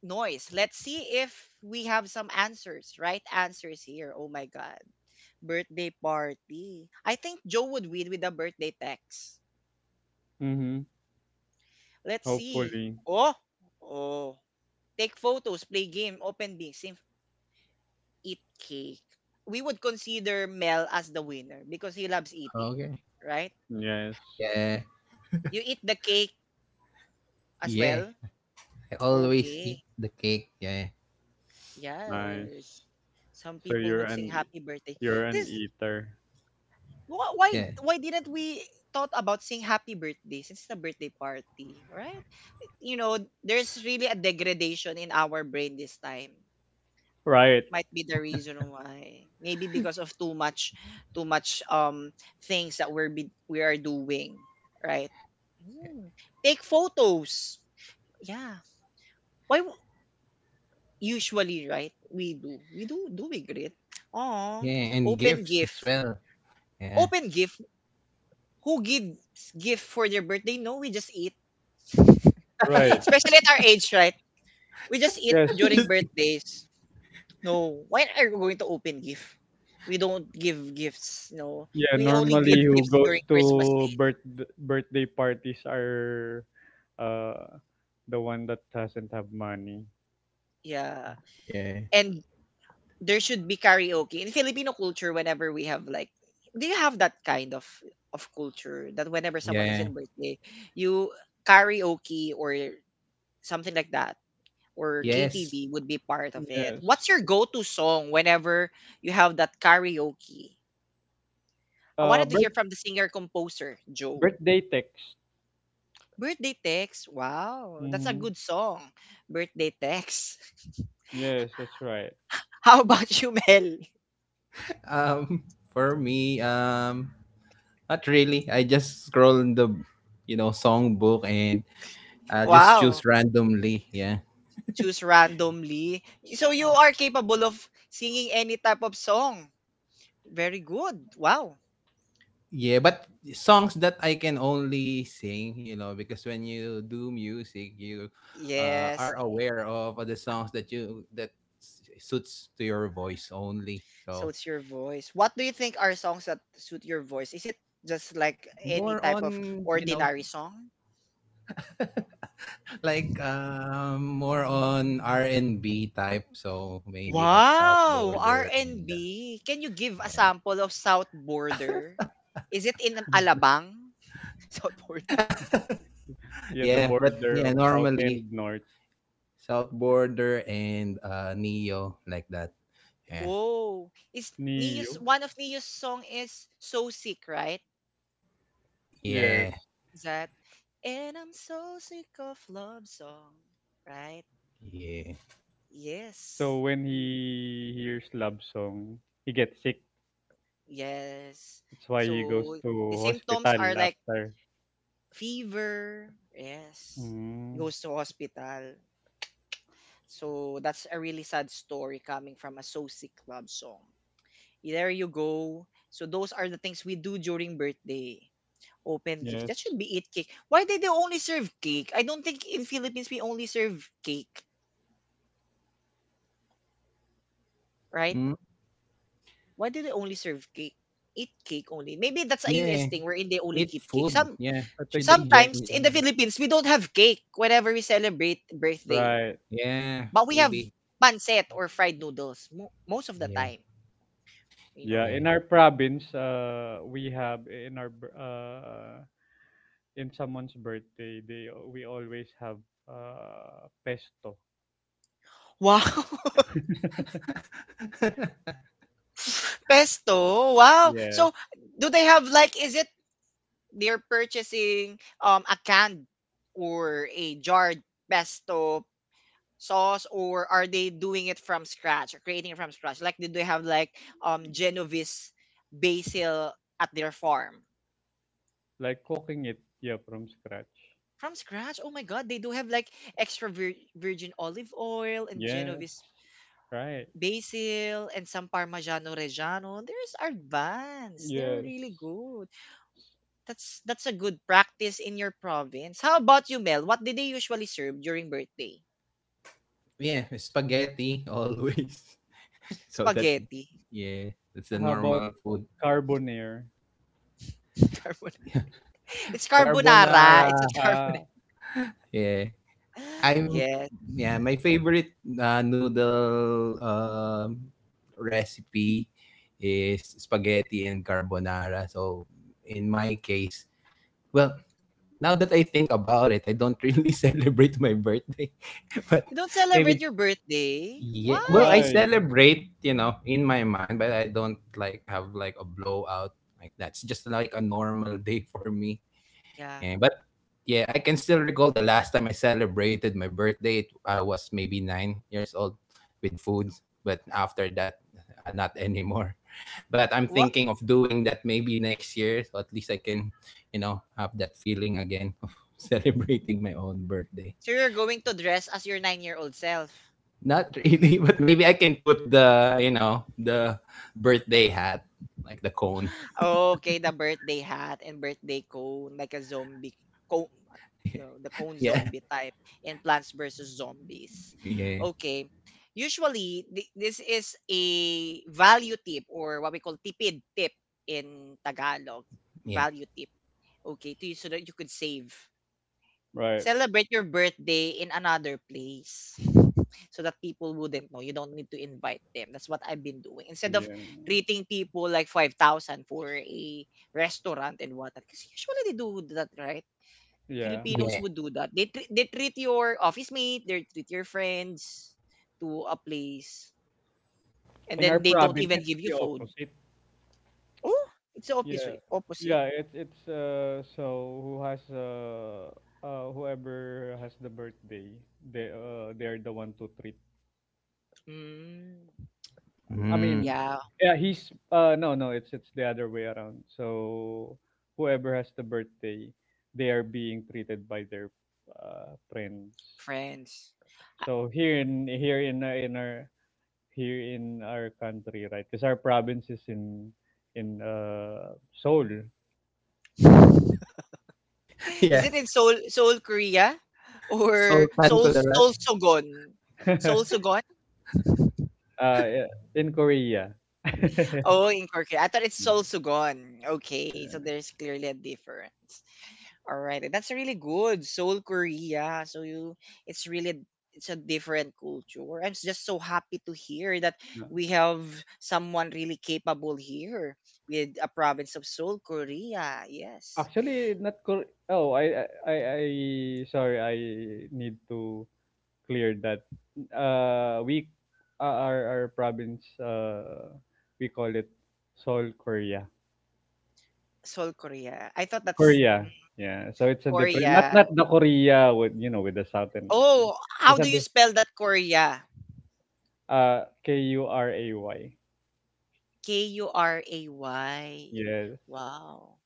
S1: noise. Let's see if we have some answers, right answers here. Oh my god. Birthday party. I think Joe would win with the birthday text.
S2: mhm.
S1: Let's see.
S2: Hopefully.
S1: Oh, oh. Take photos, play game, open being, same, eat cake. We would consider Mel as the winner because he loves eating,
S3: Okay.
S1: right?
S2: Yes.
S3: Yeah.
S1: You eat the cake as
S3: Yeah.
S1: well.
S3: I always
S1: Okay.
S3: eat the cake. Yeah.
S1: Yes.
S2: Nice.
S1: Some
S2: So
S1: people
S2: you're
S1: would sing
S2: an e,
S1: happy birthday.
S2: you're an
S1: This
S2: eater.
S1: why
S3: Yeah.
S1: why didn't we thought about saying happy birthday since it's a birthday party, right? You know, there's really a degradation in our brain this time.
S2: Right.
S1: Might be the reason why. Maybe because of too much things that we are doing, right? Mm. Take photos. Yeah. Why usually, right? We do. We do we greet? Oh,
S3: Yeah, and
S1: open gift.
S3: gifts as well. Yeah.
S1: Open gift. Who gives gift for their birthday? No, we just eat.
S2: Right.
S1: Especially at our age, right? We just eat
S2: Yes.
S1: during
S3: Just-
S1: birthdays. No, when are we going to open gift? We don't give gifts. No,
S2: Yeah,
S1: we only
S2: normally
S1: give
S2: who
S1: gifts
S2: goes
S1: during Christmas
S2: to
S1: Day.
S2: birthday parties are uh the one that doesn't have money.
S1: Yeah,
S3: Yeah.
S1: and there should be karaoke in Filipino culture. Whenever we have like, do you have that kind of culture that whenever someone is
S3: Yeah.
S1: in birthday, you karaoke or something like that or
S3: Yes.
S1: KTV would be part of it.
S2: Yes.
S1: What's your go-to song whenever you have that karaoke? I
S2: Uh
S1: wanted to hear
S2: birth,
S1: from the singer-composer, Joe.
S2: Birthday text.
S1: Birthday text? Wow, that's a
S2: Mhm.
S1: good song. Birthday text.
S2: Yes, that's right.
S1: How about you, Mel?
S3: Um for me not really. I just scroll in the songbook and just
S1: Wow.
S3: choose randomly. Yeah.
S1: Choose randomly. So you are capable of singing any type of song. Very good. Wow.
S3: Yeah, but songs that I can only sing, you know, because when you do music, you
S1: Yes.
S3: are aware of the songs that suits to your voice only. So
S1: Suits your voice. What do you think are songs that suit your voice? Is it just like any
S3: more
S1: type of
S3: on,
S1: ordinary song?
S3: like more on R&B type. So maybe like South
S1: Wow!
S3: Border and
S1: R&B. Can you give a
S3: yeah.
S1: sample of South Border? Is it in Alabang? South Border.
S2: Yeah, the
S3: Yeah, but
S2: border of
S3: yeah,
S2: south and
S3: normally
S2: north.
S3: South Border and Neo like that. Yeah.
S1: Oh, is
S2: Niyo.
S1: Neo's one of Neo's song is So Sick, right?
S3: Yeah,
S2: Yes.
S1: Is that? And I'm so sick of love song, right?
S3: yeah.
S2: So
S1: Yes.
S2: when
S1: You
S2: he hears love song, he gets sick.
S1: yes.
S2: That's why he goes
S1: So the
S2: to
S1: symptoms
S2: hospital
S1: are like
S2: after.
S1: fever, yes.
S2: Mm,
S1: Goes to hospital. So that's a really sad story coming from a Sosie Club song. There you go. So those are the things we do during birthday. Open gifts. That
S2: yes,
S1: should be it cake. Why did they only serve cake? I don't think in Philippines we only serve cake, right?
S3: Mm.
S1: Why do they only serve cake? Eat cake only. Maybe that's a US
S3: Yeah,
S1: thing wherein they only
S3: eat
S1: eat cake.
S3: food.
S1: Some
S3: Yeah,
S2: I think
S3: should
S2: it's
S3: be
S1: sometimes
S3: in
S1: in the
S3: general.
S1: Philippines we don't have cake whenever we celebrate birthday.
S2: right.
S3: Yeah,
S1: But we have
S3: maybe.
S1: pancit or fried noodles most of the
S3: Yeah,
S1: time, you
S2: Yeah,
S1: know.
S3: yeah.
S2: in our province, we have in our in someone's birthday, they we always have pesto.
S1: Wow. Pesto? Wow.
S2: Yes,
S1: So do they have like is it they're purchasing a canned or a jarred pesto sauce or are they doing it from scratch or creating it from scratch? Like did they have like Genovese basil at their farm?
S2: like cooking it, yeah, from scratch.
S1: From scratch? Oh my god, they do have like extra virgin olive oil and
S2: Yes,
S1: Genovese
S2: right.
S1: basil and some Parmigiano Reggiano. There's advanced. They're really
S2: Yes.
S1: good. That's a good practice in your province. How about you, Mel? What did they usually serve during birthday?
S3: Yeah, spaghetti always. So that's
S1: Spaghetti.
S3: yeah, that's the
S2: How about
S3: normal food.
S2: carbonara?
S1: Carbonara. It's carbonara.
S3: Carbonara.
S1: It's a carbonara.
S2: Ah,
S3: Yeah. I'm
S1: Yes.
S3: yeah, my favorite noodle recipe is spaghetti and carbonara. So in my case, well, now that I think about it, I don't really celebrate my birthday. But
S1: You don't celebrate
S3: maybe
S1: your birthday?
S3: yeah. Well, I
S1: Why?
S2: why?
S3: celebrate, in my mind, but I don't like have like a blowout like that. It's just like a normal day for me.
S1: Yeah.
S3: And but yeah, I can still recall the last time I celebrated my birthday. I was maybe 9 years old with food, but after that, not anymore, but I'm
S1: What?
S3: thinking of doing that maybe next year, so at least I can, have that feeling again of celebrating my own birthday.
S1: So you're going to dress as your nine-year-old self.
S3: Not really, but maybe I can put the, the birthday hat, like the cone.
S1: Oh, okay, the birthday hat and birthday cone, like a zombie cone, you know, the cone
S3: Yeah,
S1: zombie type in Plants vs. Zombies.
S3: yeah,
S1: Okay. Usually, this is a value tip or what we call tipid tip in Tagalog.
S3: yeah,
S1: Value tip. Okay, to you so that you could save.
S2: Right.
S1: Celebrate your birthday in another place so that people wouldn't know. You don't need to invite them. That's what I've been doing. Instead of
S2: Yeah.
S1: treating people like 5,000 for a restaurant and whatnot. Because usually they do that, right?
S2: Yeah.
S3: yeah,
S1: Filipinos would do that. They, they treat your office mate, they treat your friends to a place, and
S2: In our
S1: then they don't
S2: province,
S1: even
S2: it's
S1: give you
S2: the
S1: food.
S2: opposite.
S1: Oh, it's the
S2: Yeah.
S1: opposite. Opposite.
S2: Yeah, it's so whoever has the birthday, they're the one to treat.
S1: Mm,
S2: I
S3: mm.
S2: mean,
S1: yeah,
S2: yeah, he's no, no, it's the other way around. So whoever has the birthday, they are being treated by their friends.
S1: friends.
S2: So here in here in our here in our country, right? Because our province is in Seoul,
S1: Is
S3: yeah.
S1: it in Seoul, Seoul, Korea? Or
S3: Sultan
S1: Seoul,
S3: Kudarat
S1: Seoul Sogon?
S2: uh,
S1: Seoul Sogon?
S2: yeah, in Korea.
S1: Oh, in Korea. I thought it's Seoul Sogon. Okay, so there's clearly a difference. All right, that's really good. Seoul, Korea. So you, it's really it's a different culture. I'm just so happy to hear that
S2: Yeah.
S1: we have someone really capable here with a province of Seoul, Korea. Yes,
S2: Actually, not Kor- Oh, sorry. I need to clear that. Uh, we, our province, we call it Seoul, Korea.
S1: Seoul, Korea. I thought that's
S2: Korea.
S1: mm,
S2: Yeah. So it's a different, not
S1: Korea.
S2: the Korea, with the south and north.
S1: Oh, how
S2: There's a
S1: do you spell that Korea?
S2: Kuray.
S1: Kuray.
S2: Yes.
S1: Wow.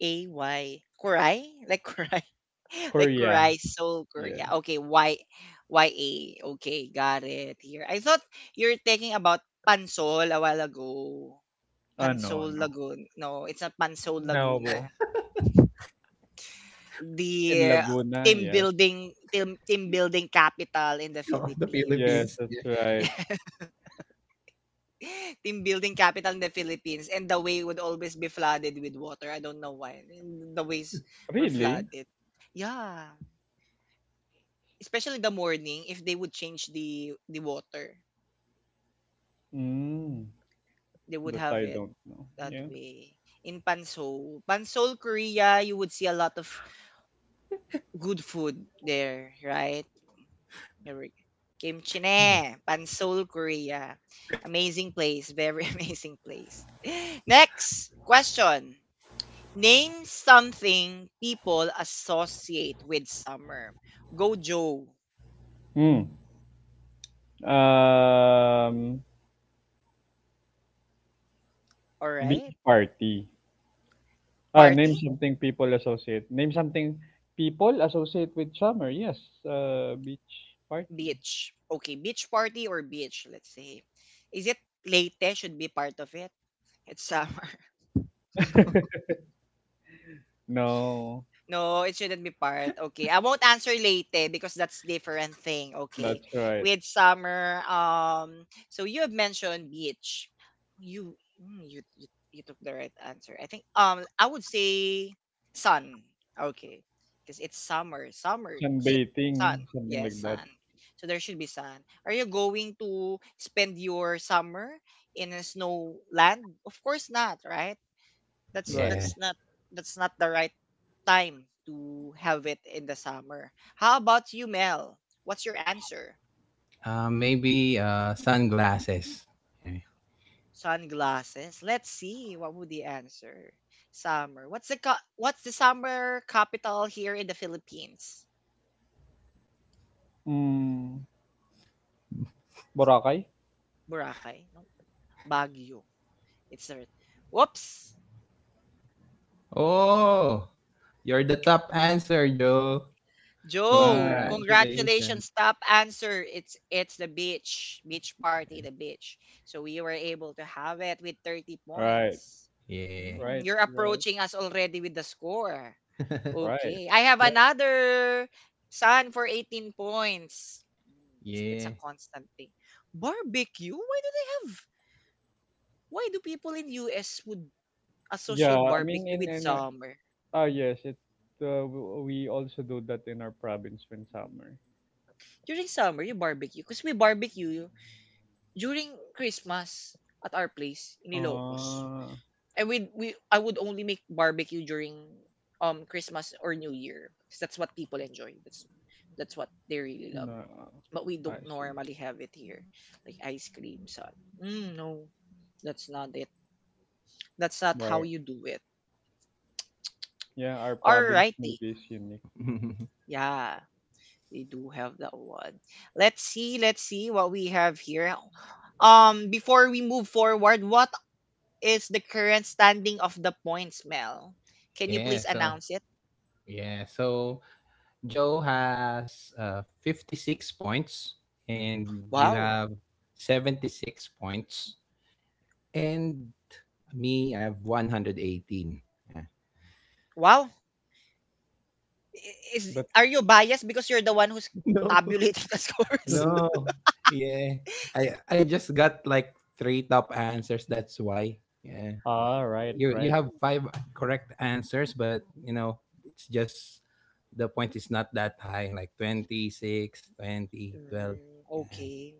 S1: A-Y. Kuray? Like Kuray? Like
S2: Korea.
S1: Kuray, Seoul, Korea.
S2: Yeah.
S1: Okay, Y, Y-A. Okay, got it here. I thought you're talking about Pansol a while ago.
S2: Oh, no,
S1: Pansol
S2: no.
S1: Lagoon. No, it's not Pansol Laguna.
S2: No. In
S1: The
S2: Laguna,
S1: team
S2: yes.
S1: building team building capital in the
S3: of the
S2: Yes,
S1: Philippines.
S3: Philippines.
S2: that's
S3: Yeah,
S2: right.
S1: Team building capital in the Philippines, and the way would always be flooded with water. I don't know why. And the ways were
S2: Really?
S1: flooded. Yeah, especially the morning. If they would change the water,
S2: Mm,
S1: they would
S2: that
S1: have
S2: I
S1: it
S2: don't know.
S1: that
S2: Yeah.
S1: way. In Pansol, Pansol, Korea, you would see a lot of good food there, right? Here we- Kimchi
S3: yeah.
S1: ne, Pansol, Korea. Amazing place, very amazing place. Next question. Name something people associate with summer. Go Joe.
S2: Mm. Um,
S1: All right.
S2: Beach party. Ah,
S1: Party?
S2: name something people associate. Name something people associate with summer. Yes. Beach party.
S1: Beach. Okay, beach party or beach, let's say. Is it Leyte should be part of it? It's summer.
S2: No,
S1: No, it shouldn't be part. Okay. I won't answer late because that's different thing. Okay.
S2: that's right.
S1: With summer, so you have mentioned beach. You mm, you took the right answer. I think I would say sun. Okay. Because it's summer. Summer, heat,
S2: Sunbathing,
S1: sun.
S2: something
S1: Yes,
S2: like that.
S1: sun. So there should be sun. Are you going to spend your summer in a snow land? Of course not, right? that's
S2: Right.
S3: Yeah.
S1: that's not that's not the right time to have it in the summer. How about you, Mel? What's your answer?
S3: Maybe sunglasses. Yeah.
S1: Sunglasses. Let's see what would the answer. Summer. What's the what's the summer capital here in the Philippines?
S2: Mm, Boracay?
S1: Boracay. No. Baguio. It's the right, whoops.
S3: Oh, you're the top answer, Joe.
S1: Joe,
S2: Nice.
S3: Congratulations.
S1: congratulations. Top answer. It's the beach. Beach party, the beach. So we were able to have it with 30
S2: Right.
S1: points.
S3: Yeah.
S1: Hmm,
S2: Right.
S1: you're
S2: Right.
S1: approaching us already with the score.
S2: Right.
S1: Okay. I have
S3: But
S1: another Sun for 18 points. Hmm, it's a
S3: yeah.
S1: constant thing. Barbecue? Why do they have why do people in US would associate
S2: Yeah, I mean
S1: barbecue with
S2: in
S1: summer?
S2: ah yes, we also do that in our province when summer.
S1: During summer, you barbecue. Because we barbecue during Christmas at our place in Ilocos,
S2: Uh
S1: I would we I would only make barbecue during Christmas or New Year. 'Cause that's what people enjoy. That's what they really love.
S2: no.
S1: But we
S2: I
S1: don't
S2: see.
S1: normally have it here, like ice cream, son. Mm, no, that's not it. That's not how
S2: Right.
S1: you do it.
S2: Yeah, our province
S1: Alrighty,
S2: maybe is unique.
S1: yeah, they do have that one. Let's see what we have here. Before we move forward, what is the current standing of the points, Mel? Can you
S3: Yeah,
S1: please
S3: so
S1: announce it?
S3: yeah, so Joe has 56 points and you
S1: Wow.
S3: have 76 points and me I have 118. Yeah.
S1: Wow. I- Is are
S2: That's
S1: you biased because you're the one who's
S3: No.
S1: tabulating the scores?
S3: No. Yeah. I I just got like three top answers, that's why.
S2: Ah, right,
S3: You
S2: right.
S3: have five correct answers, but you know it's just the point is not that high, like 26, 2012.
S1: Mm, okay.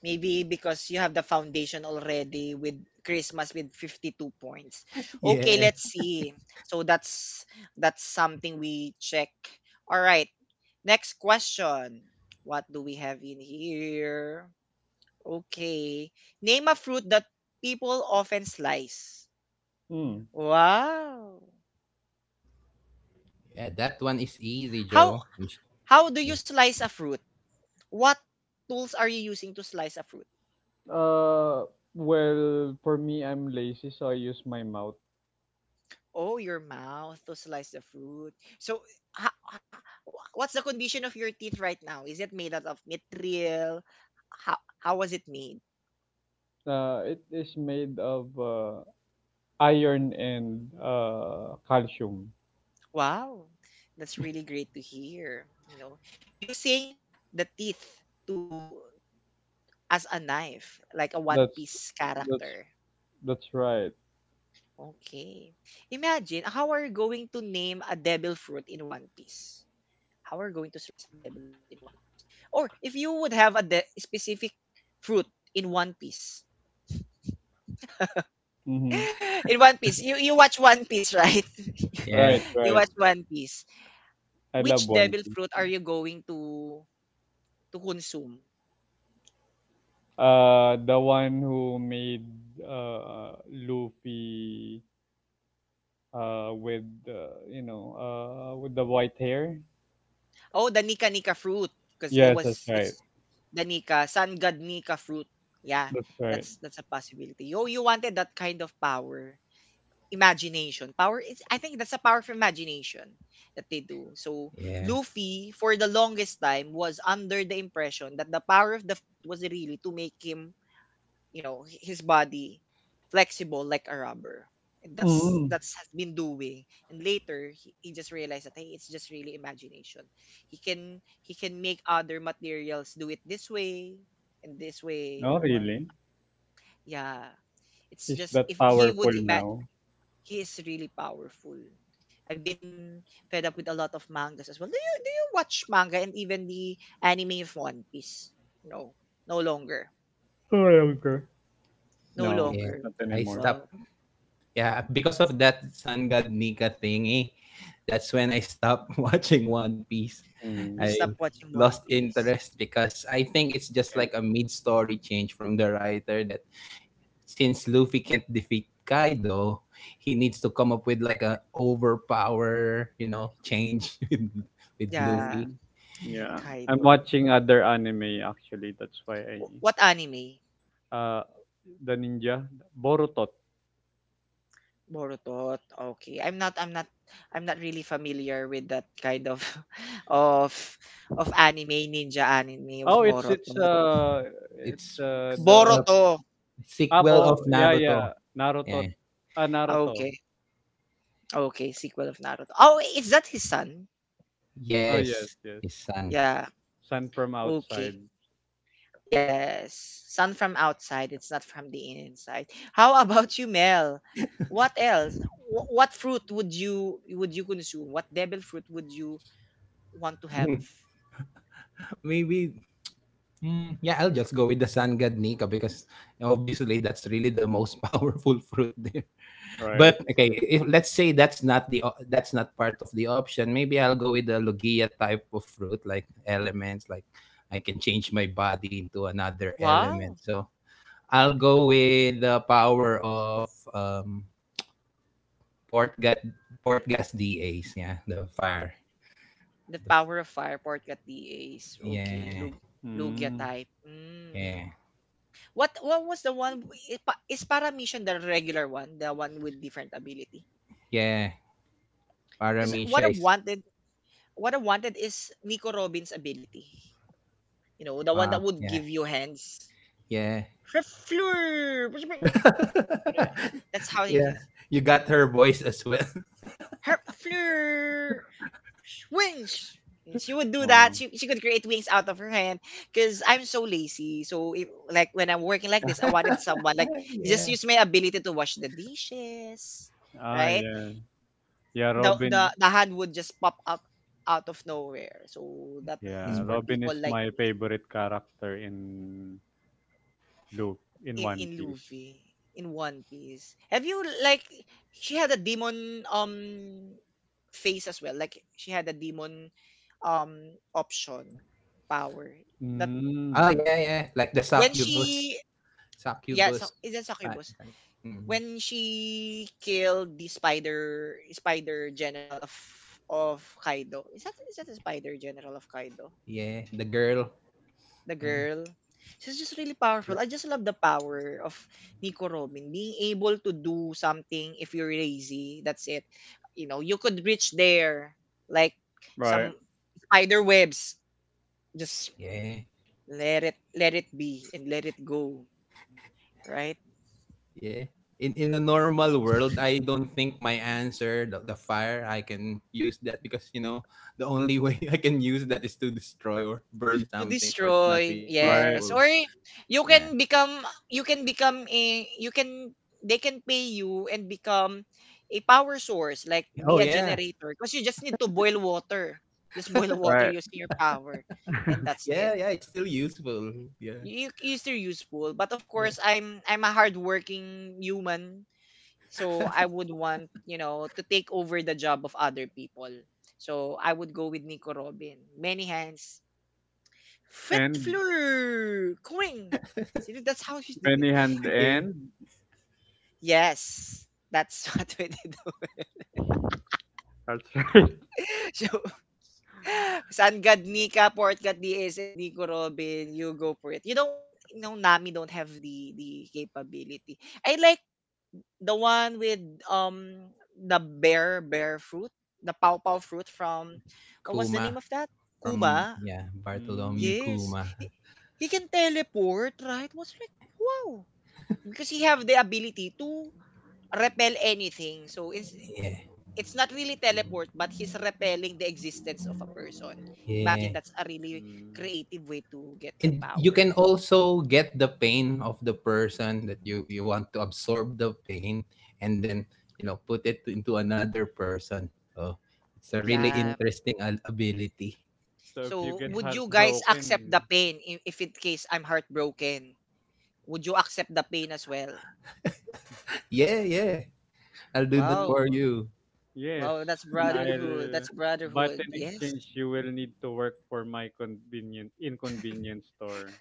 S1: Maybe because you have the foundation already with Christmas with 52 points.
S3: Yeah,
S1: Okay,
S3: yeah,
S1: let's see. So that's something we check. All right. Next question. What do we have in here? Okay. Name a fruit that people often slice.
S2: Mm.
S1: Wow.
S3: yeah. That one is easy,
S1: How
S3: Joe.
S1: how do you slice a fruit? What tools are you using to slice a fruit?
S2: Uh, well, for me, I'm lazy, so I use my mouth.
S1: Oh, your mouth to slice the fruit. So, ha, ha- what's the condition of your teeth right now? Is it made out of material? How was it made?
S2: It is made of iron and calcium.
S1: Wow. That's really great to hear. You know, using the teeth to as a knife, like a one
S2: That's
S1: piece
S2: that's
S1: character.
S2: that's right.
S1: Okay. Imagine how are you going to name a devil fruit in one piece? How are you going to stress a devil fruit in one piece? Or if you would have a de- specific fruit in one piece.
S2: Hmm,
S1: In one piece. You watch one piece, right?
S3: Yeah,
S2: right,
S1: you
S2: right.
S1: watch one piece.
S2: I love
S1: Which
S2: One
S1: devil
S2: Piece.
S1: fruit
S2: Yeah.
S1: are you going to consume?
S2: The one who made Luffy with you know with the white hair.
S1: Oh, the Nika Nika fruit because
S2: Yes, that's right.
S1: it's the Nika, Sun God Nika fruit. Yeah,
S2: That's right.
S1: that's a possibility. Oh, you wanted that kind of power imagination. Power is I think that's a power of imagination that they do. So
S3: yeah,
S1: Luffy for the longest time was under the impression that the power of the fruit was really to make him, you know, his body flexible like a rubber. And that's
S2: Mm.
S1: that's has been doing. And later he just realized that hey, it's just really imagination. He can make other materials do it this way
S2: No,
S1: and
S2: really,
S1: whatnot. Yeah. It's
S2: he's
S1: just
S2: that
S1: if he
S2: powerful
S1: would imagine
S2: now.
S1: he is really powerful. I've been fed up with a lot of mangas as well. Do you watch manga and even the anime of One Piece? No, no longer,
S2: Oh, okay.
S1: no
S2: No,
S3: yeah.
S1: longer.
S2: not
S3: I
S2: anymore.
S1: Well,
S3: stopped. Yeah, because of that Sun God Nika thingy, that's when I stopped watching One Piece.
S2: Mm.
S1: you
S3: I
S1: stop watching One
S3: lost
S1: Piece.
S3: interest because I think it's just like a mid-story change from the writer that since Luffy can't defeat Kaido, he needs to come up with like a overpower, you know, change with
S1: Yeah,
S3: Luffy.
S2: Mm, yeah. I'm
S1: Kaido.
S2: watching other anime actually. That's why I
S1: Wh- What anime?
S2: uh the ninja Boruto.
S1: Boruto. Okay, I'm not. I'm not. I'm not really familiar with that kind of of of anime ninja anime of
S2: Oh,
S1: Boruto.
S2: it's
S3: It's
S2: the
S3: a
S1: Boruto.
S2: Abo.
S3: sequel of
S2: Yeah, yeah.
S3: Naruto. Yeah.
S2: Naruto. Ah, Naruto.
S1: Okay. Okay, sequel of Naruto. Oh, is that his son?
S2: Oh, yes,
S3: Yes,
S2: yes.
S3: his son.
S1: Yeah.
S2: Sun from
S1: Okay.
S2: outside,
S1: Yes. Son from outside. It's not from the inside. How about you, Mel? What else? Wh- What fruit would you consume? What devil fruit would you want to have?
S3: Mm, Maybe yeah, I'll just go with the sun god Nika because obviously that's really the most powerful fruit there.
S2: right?
S3: But okay, if let's say that's not that's not part of the option, maybe I'll go with the logia type of fruit, like elements, like I can change my body into another
S1: Wow.
S3: element. So I'll go with the power of port gas port gas DAs, yeah, the fire,
S1: The
S3: the, f-
S1: power of fire pork at the ace. Okay.
S3: yeah,
S1: Lug Lugia
S2: Mm.
S1: type.
S3: yeah,
S1: Mm. What was the one? Is Paramishan the regular one? The one with different ability?
S3: yeah.
S1: Because what I
S3: Paramisha is,
S1: want What I wanted is Nico Robin's ability. You know, the one
S3: wow,
S1: that would
S3: yeah,
S1: give you hands.
S3: yeah,
S1: Herfleur! That's how he
S3: yeah.
S1: says.
S3: You got her voice as well,
S1: Herfleur! Wings! She would do
S2: Oh.
S1: that. She could create wings out of her hand because I'm so lazy. So, if, like, when I'm working like this, I wanted someone, like, just
S3: yeah.
S1: use my ability to wash the dishes,
S2: Ah,
S1: right?
S2: yeah. Yeah,
S1: The,
S2: Robin.
S1: the, the hand would just pop up out of nowhere. So, that is
S2: Yeah,
S3: Mm-hmm.
S1: for
S2: Robin
S1: people
S2: is
S1: like
S2: my
S1: me.
S2: favorite character Loop in
S1: In
S2: One Piece.
S1: Luffy in One Piece. Have you like she had a demon face as well. Like she had a demon option power that
S3: Oh,
S2: Mm.
S3: yeah, yeah. Like the
S1: when
S3: succubus.
S1: she yeah so,
S3: Succubus.
S1: is it
S3: Type,
S1: succubus
S3: type. Mm.
S1: when she killed the spider general of Kaido. Is that the spider general of Kaido,
S3: Yeah, the girl.
S1: the
S3: Yeah.
S1: girl. She's just really powerful.
S3: Like-
S1: I just love the power of Nico Robin being able to do something if you're lazy. That's it. You know, you could reach there like some
S2: Right,
S1: spider webs. Just
S3: Yeah.
S1: let it be and let it go, right?
S3: Yeah. In a normal world, I don't think my answer, the fire, I can use that because you know, the only way I can use that is to destroy or burn
S1: To
S3: something, so it's not
S1: destroy,
S3: really
S2: right.
S1: yes.
S3: useful.
S1: Or you
S3: Yeah.
S1: can become, you can become a you can, they can pay you and become a power source, like
S3: Oh
S1: be a
S3: yeah.
S1: generator, because you just need to boil water, just boil water
S2: Right.
S1: using your power, and that's
S3: Yeah,
S1: it.
S3: yeah, it's still useful. Yeah.
S1: You still useful, but of
S3: Yeah.
S1: course I'm a hardworking human, so I would want, you know, to take over the job of other people. So I would go with Nico Robin many hands. Fête
S2: And
S1: floor, Coing! See, that's how she do it.
S2: many hand
S3: Yeah.
S2: and
S1: Yes, that's what we did.
S2: that's right.
S1: So, Sangad, Nika, Portgat, DS, and Nico Robin, you go for it. You don't want, you know, Nami don't have the capability. I like the one with um the bear fruit, the pow pow fruit from, what was the
S3: Kuma
S1: name of that?
S3: from,
S1: Kuma.
S3: yeah, Bartholomew
S2: Mm,
S1: Yes,
S3: Kuma.
S1: he can teleport, right? Was like wow, because he have the ability to repel anything. So
S3: Yeah.
S1: it's not really teleport, but he's repelling the existence of a person.
S3: Yeah.
S1: Imagine, that's a really
S2: mm,
S1: creative way to get the
S3: And you
S1: power.
S3: can also get the pain of the person that you want to absorb the pain, and then put it into another person, so it's a really
S1: Yeah.
S2: mm.
S3: interesting ability.
S2: So if you
S1: So
S2: get
S3: Yeah,
S1: would you guys accept the
S2: heartbroken,
S1: pain I- if in case I'm heartbroken? Would you accept the pain as well?
S3: yeah, yeah, I'll do that
S2: mm,
S1: Wow.
S3: for you.
S2: yes,
S1: Wow, that's
S2: and
S1: brotherhood.
S2: I'll
S1: That's
S2: but
S1: brotherhood.
S2: in
S1: Yes.
S2: exchange you will need to work for my convenient inconvenience store.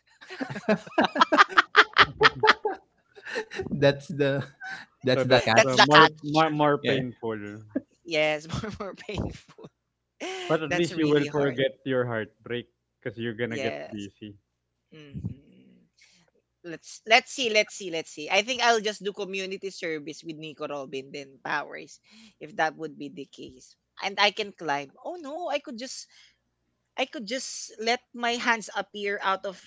S3: that's the that's
S2: So
S3: the
S2: that's
S1: That's the
S3: catch.
S2: more
S1: catch.
S2: more more
S3: Yeah,
S2: painful.
S1: Yes, more painful.
S2: But at
S1: That's
S2: least you will
S1: really hard.
S2: forget your heartbreak because you're gonna get
S1: Yes.
S2: busy.
S1: hmm let's see, let's see, let's see. I think I'll just do community service with Nico Robin then Powers, if that would be the case. And I can climb. Oh no, I could just let my hands appear out of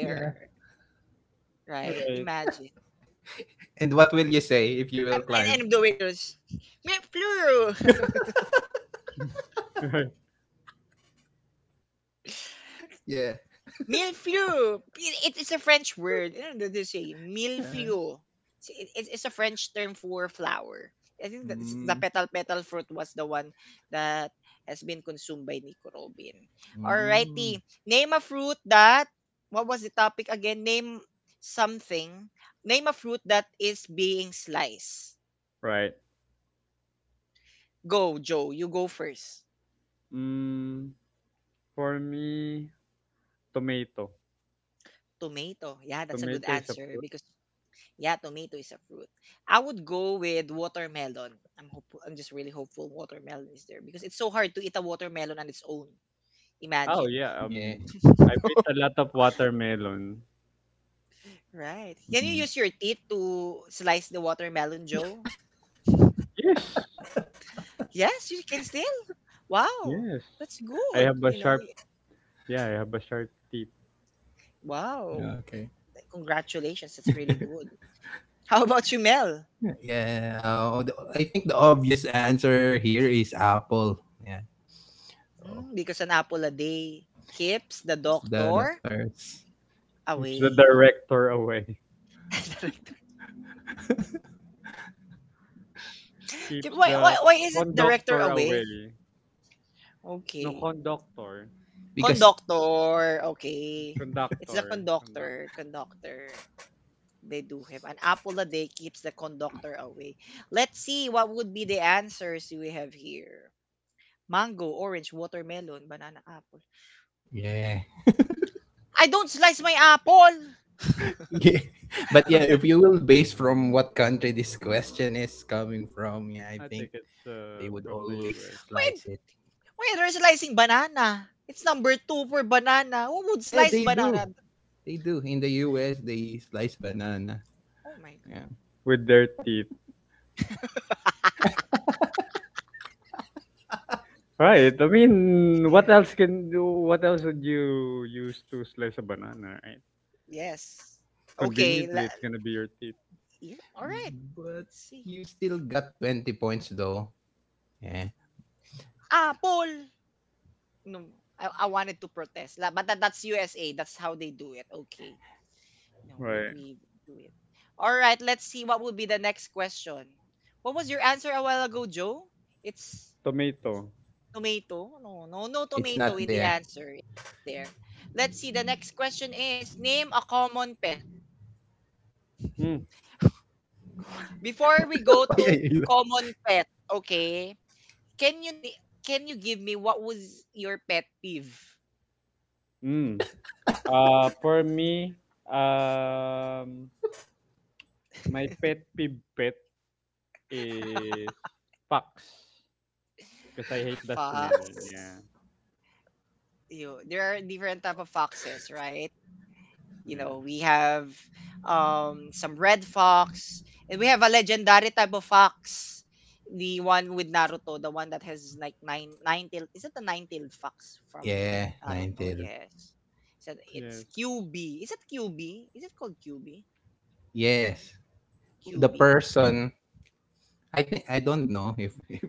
S3: yeah.
S1: right?
S2: Right.
S1: Imagine.
S3: And what will you say if you will
S1: I'm
S3: climb,
S1: and I'm doing this. Me plural.
S3: yeah?
S1: Millefleur. It's a French word. You know, they say
S3: Uh,
S1: millefleur. It's, it's a French term for flower. I think that the
S3: mm,
S1: petal fruit was the one that has been consumed by Nico Robin.
S3: mm,
S1: Alrighty. Name a fruit that. What was the topic again? Name something. Name a fruit that is being sliced.
S2: Right.
S1: Go, Joe. You go first.
S2: Mm, for me, tomato.
S1: Tomato. Yeah, that's a good
S2: Tomato is a
S1: answer
S2: fruit.
S1: because yeah, tomato is a fruit. I would go with watermelon. I'm hopeful. I'm just really hopeful watermelon is there because it's so hard to eat a watermelon on its own.
S2: Oh,
S1: Imagine.
S2: yeah,
S3: yeah,
S2: I ate a lot of watermelon.
S1: Right. Can you
S3: mm,
S1: use your teeth to slice the watermelon, Joe?
S2: Yes,
S1: Yes, you can still. Wow.
S2: yes.
S1: That's
S2: I have
S1: good.
S2: a
S1: You know,
S2: sharp
S1: y-
S2: yeah, I have a sharp teeth.
S1: wow.
S3: yeah, okay.
S1: Congratulations. That's really good. How about you, Mel?
S3: Yeah, I think the obvious answer here is Apple. Yeah, so
S1: Mm, because an apple a day keeps the
S3: it's the
S1: doctor
S3: doctors,
S2: Keeps the
S1: away.
S2: director away.
S1: K-
S2: Keeps the
S1: Why is it director
S2: conductor
S1: away?
S2: away. No,
S1: Okay.
S2: conductor.
S3: because
S1: Conductor. Okay. It's the
S2: Conductor. Conduct.
S1: conductor. Conductor. They do have an apple a day keeps the conductor away. Let's see what would be the answers we have here. Mango, orange, watermelon, banana, apple.
S3: yeah,
S1: I don't slice my apple.
S3: yeah. But yeah, if you will base from what country this question is coming from, yeah, I
S2: I think
S3: think
S2: it's,
S3: they would
S2: from the
S3: always
S2: US
S3: slice it.
S1: When they're slicing banana, it's number 2 for banana. Who would
S3: Yeah,
S1: slice
S3: they do.
S1: banana?
S3: They do. In the US, they slice banana.
S1: Oh my god.
S3: Yeah,
S2: with their teeth. Right. I mean, what else can do? What else would you use to slice a banana, right?
S1: Yes. Okay. la-
S2: Conveniently, it's gonna be your teeth.
S1: yeah. All right.
S3: but
S1: Let's see.
S3: you still got 20 points though. Yeah,
S1: Apple! No, I wanted to protest. La- But that, that's USA. That's how they do it. Okay. No,
S2: Right.
S1: we do it. All right, let's see what would be the next question. What was your answer a while ago, Joe? It's
S2: Tomato.
S1: tomato. No, no, no
S3: it's not
S1: tomato in the
S3: there.
S1: answer. It's not there. Let's see. The next question is name a common pet.
S2: Mm.
S1: Before we go
S3: Why are
S1: to
S3: you?
S1: common pet, okay? Can you ni- can you give me what was your pet peeve?
S2: Mm. For me, um, my pet peeve pet is fox because I hate the smell. Yeah.
S1: Fox. You there are different type of foxes, right? You
S2: Yeah.
S1: know, we have some red fox, and we have a legendary type of fox. The one with Naruto, the one that has like nine tailed, is it the 9-tailed fox from
S3: Yeah, nine
S1: Naruto?
S3: till.
S1: Yes. So it's
S2: Yes.
S1: QB. Is it QB? Is it called Q B?
S3: Yes.
S1: Q
S3: the
S1: B.
S3: person I think I don't know if, if,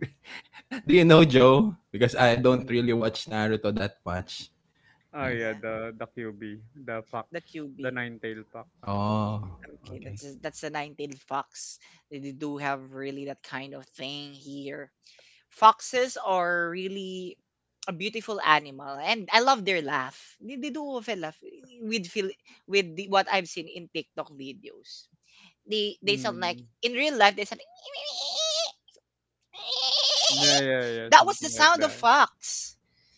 S3: do you know, Joe? Because I don't
S2: Mm.
S3: really watch Naruto that much.
S2: Ah,
S3: Yeah.
S2: yeah,
S1: Yeah.
S2: the QB, the fox,
S1: The
S2: the
S1: QB.
S2: nine-tailed fox.
S3: Oh,
S1: Okay,
S3: okay.
S1: that's the 9-tailed fox. They do have really that kind of thing here. Foxes are really a beautiful animal and I love their laugh. They do have a laugh with feel with the, what I've seen in TikTok videos. They sound like
S2: Mm.
S1: in real life they sound like,
S2: Yeah, yeah, yeah,
S1: that was the
S2: something like
S1: sound of
S2: that.
S1: fox.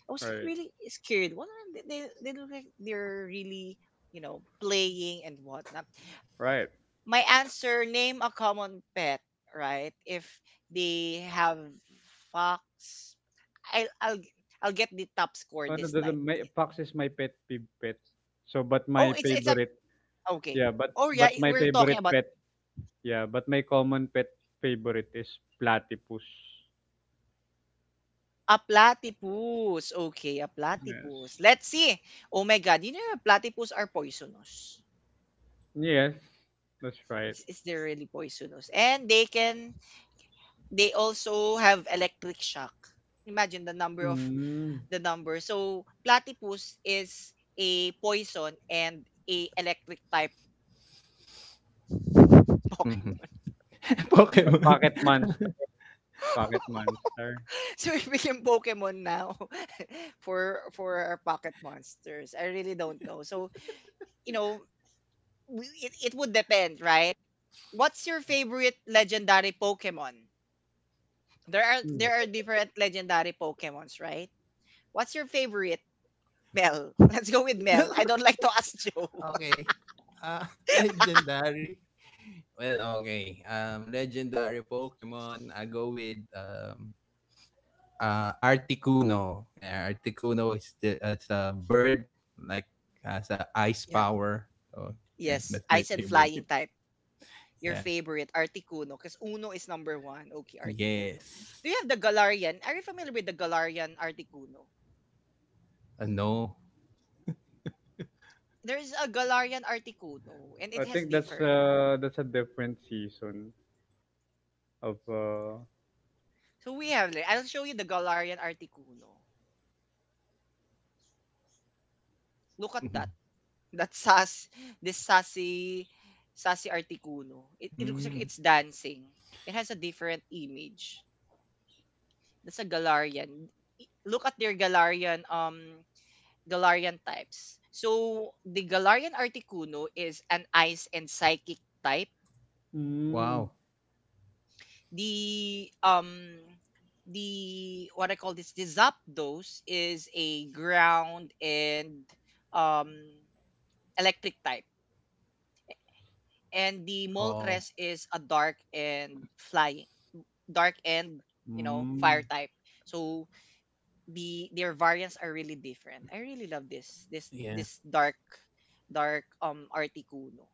S1: I was
S2: Right.
S1: really scared. What are they look like they're really you know playing and whatnot.
S2: Right.
S1: My answer, name a common pet, right? If they have fox, i'll i'll I'll get the top score
S2: Ano
S1: this time.
S2: fox is my pet peeve pet. So but
S1: Oh
S2: my
S1: it's a,
S2: favorite,
S1: okay.
S2: yeah, but
S1: Oh yeah,
S2: but my
S1: we're talking
S2: favorite
S1: about
S2: pet. Yeah, but my common pet favorite is platypus.
S1: a platypus. Okay, a
S2: Yes.
S1: platypus, let's see. Oh my god, you know platypus are poisonous,
S2: Yes, that's right.
S1: it's they're really poisonous, and they can, they also have electric shock. Imagine the number of
S2: Mm,
S1: the number. So platypus is a poison and a electric type
S3: Mhm.
S1: Pokemon.
S2: the
S3: Pokemon.
S2: pocket monster. Pocket monster.
S1: So we became Pokemon now. For our pocket monsters. I really don't know. So you know, we, it would depend, right? What's your favorite legendary Pokemon?
S2: Mm.
S1: There are different legendary Pokemons, right? What's your favorite? Mel. Let's go with Mel. I don't like to ask Joe.
S3: Okay. Legendary. Well, okay. Legendary Pokemon. I go with Articuno. Yeah, Articuno is it's a bird like, has a ice
S1: Yeah.
S3: power. So yeah, that's
S1: Yes.
S3: my
S1: Ice and
S3: favorite.
S1: flying type. Your
S3: Yeah.
S1: favorite, Articuno? Because Uno is number one. Okay, Articuno. Do
S3: Yes.
S1: you have the Galarian? Are you familiar with the Galarian Articuno?
S3: Ano?
S1: There's a Galarian Articuno, and it
S2: I
S1: has
S2: think that's
S1: different.
S2: uh that's a different season of
S1: So we have, like- I'll show you the Galarian Articuno. Look at that. That sass, this sassy, sassy Articuno. It looks like
S3: Hmm.
S1: it's dancing. It has a different image. That's a Galarian. I- Look at their Galarian Galarian types. So the Galarian Articuno is an ice and psychic type.
S3: Wow.
S2: mm,
S1: The um the what I call this, the Zapdos is a ground and um electric type. And the
S3: Oh
S1: Moltres is a dark and flying, dark and you know, fire
S2: mm,
S1: type. So the their variants are really different. I really love this this
S3: yeah,
S1: this dark dark Articuno.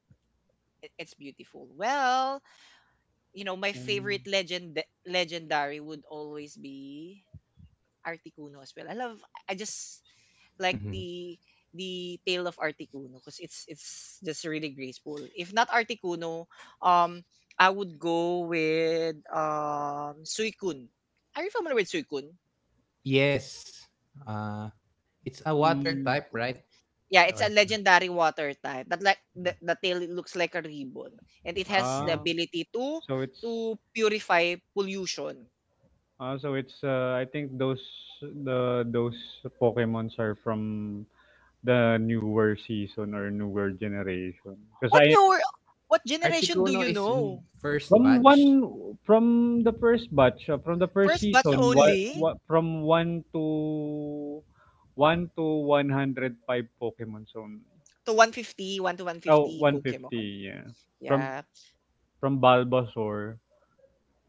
S1: It- it's beautiful. Well, you know, my
S2: mm,
S1: favorite legendary would always be Articuno as well. I love I just like
S3: mhm.
S1: the tale of Articuno because it's just really graceful. If not Articuno, um I would go with Suicune. Are you familiar with Suicune?
S3: Yes, ah, it's a water
S2: mm.
S3: type, right?
S1: Yeah, it's a
S3: Or
S1: legendary water type. That like the tail looks like a ribbon and it has the
S3: yeah.
S2: Ah,
S1: ability
S2: so it's
S1: to purify pollution.
S2: ah so it's I think those Pokemons are from the newer season or newer generation because
S1: What
S2: I
S1: your what generation do
S3: Articuno
S1: you
S3: is in
S1: know?
S3: first
S2: From
S3: batch.
S2: one from the first batch, from the first
S1: First batch
S2: season,
S1: only
S2: what from 1 to 1 to 105 Pokemon only.
S1: to 150, 1 to
S2: Oh,
S1: 150
S2: one
S1: Pokemon.
S2: fifty yeah. From
S1: Yeah.
S2: from Bulbasaur.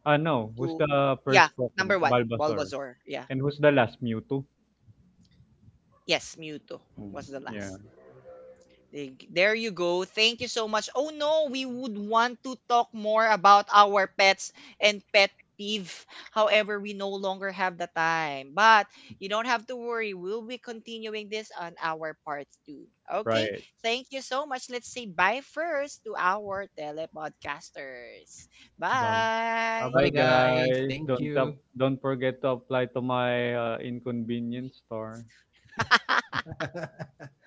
S2: Ah, no, who's
S1: To
S2: the
S1: yeah,
S2: first Pokemon?
S1: number 1,
S2: Bulbasaur.
S1: Bulbasaur. Yeah.
S2: And who's the last Mewtwo?
S1: Yes, Mewtwo
S2: Mm,
S1: was the
S2: yeah,
S1: last. Dig- There you go. Thank you so much. Oh no, we would want to talk more about our pets and pet peeve. However, we no longer have the time. But you don't have to worry. We'll be continuing this on our part 2. Okay?
S2: right.
S1: Thank you so much. Let's say bye first to our telepodcasters. Bye.
S3: Bye-bye,
S2: Bye
S3: guys.
S2: guys.
S3: Thank you.
S2: Don't forget to apply to my inconvenience store.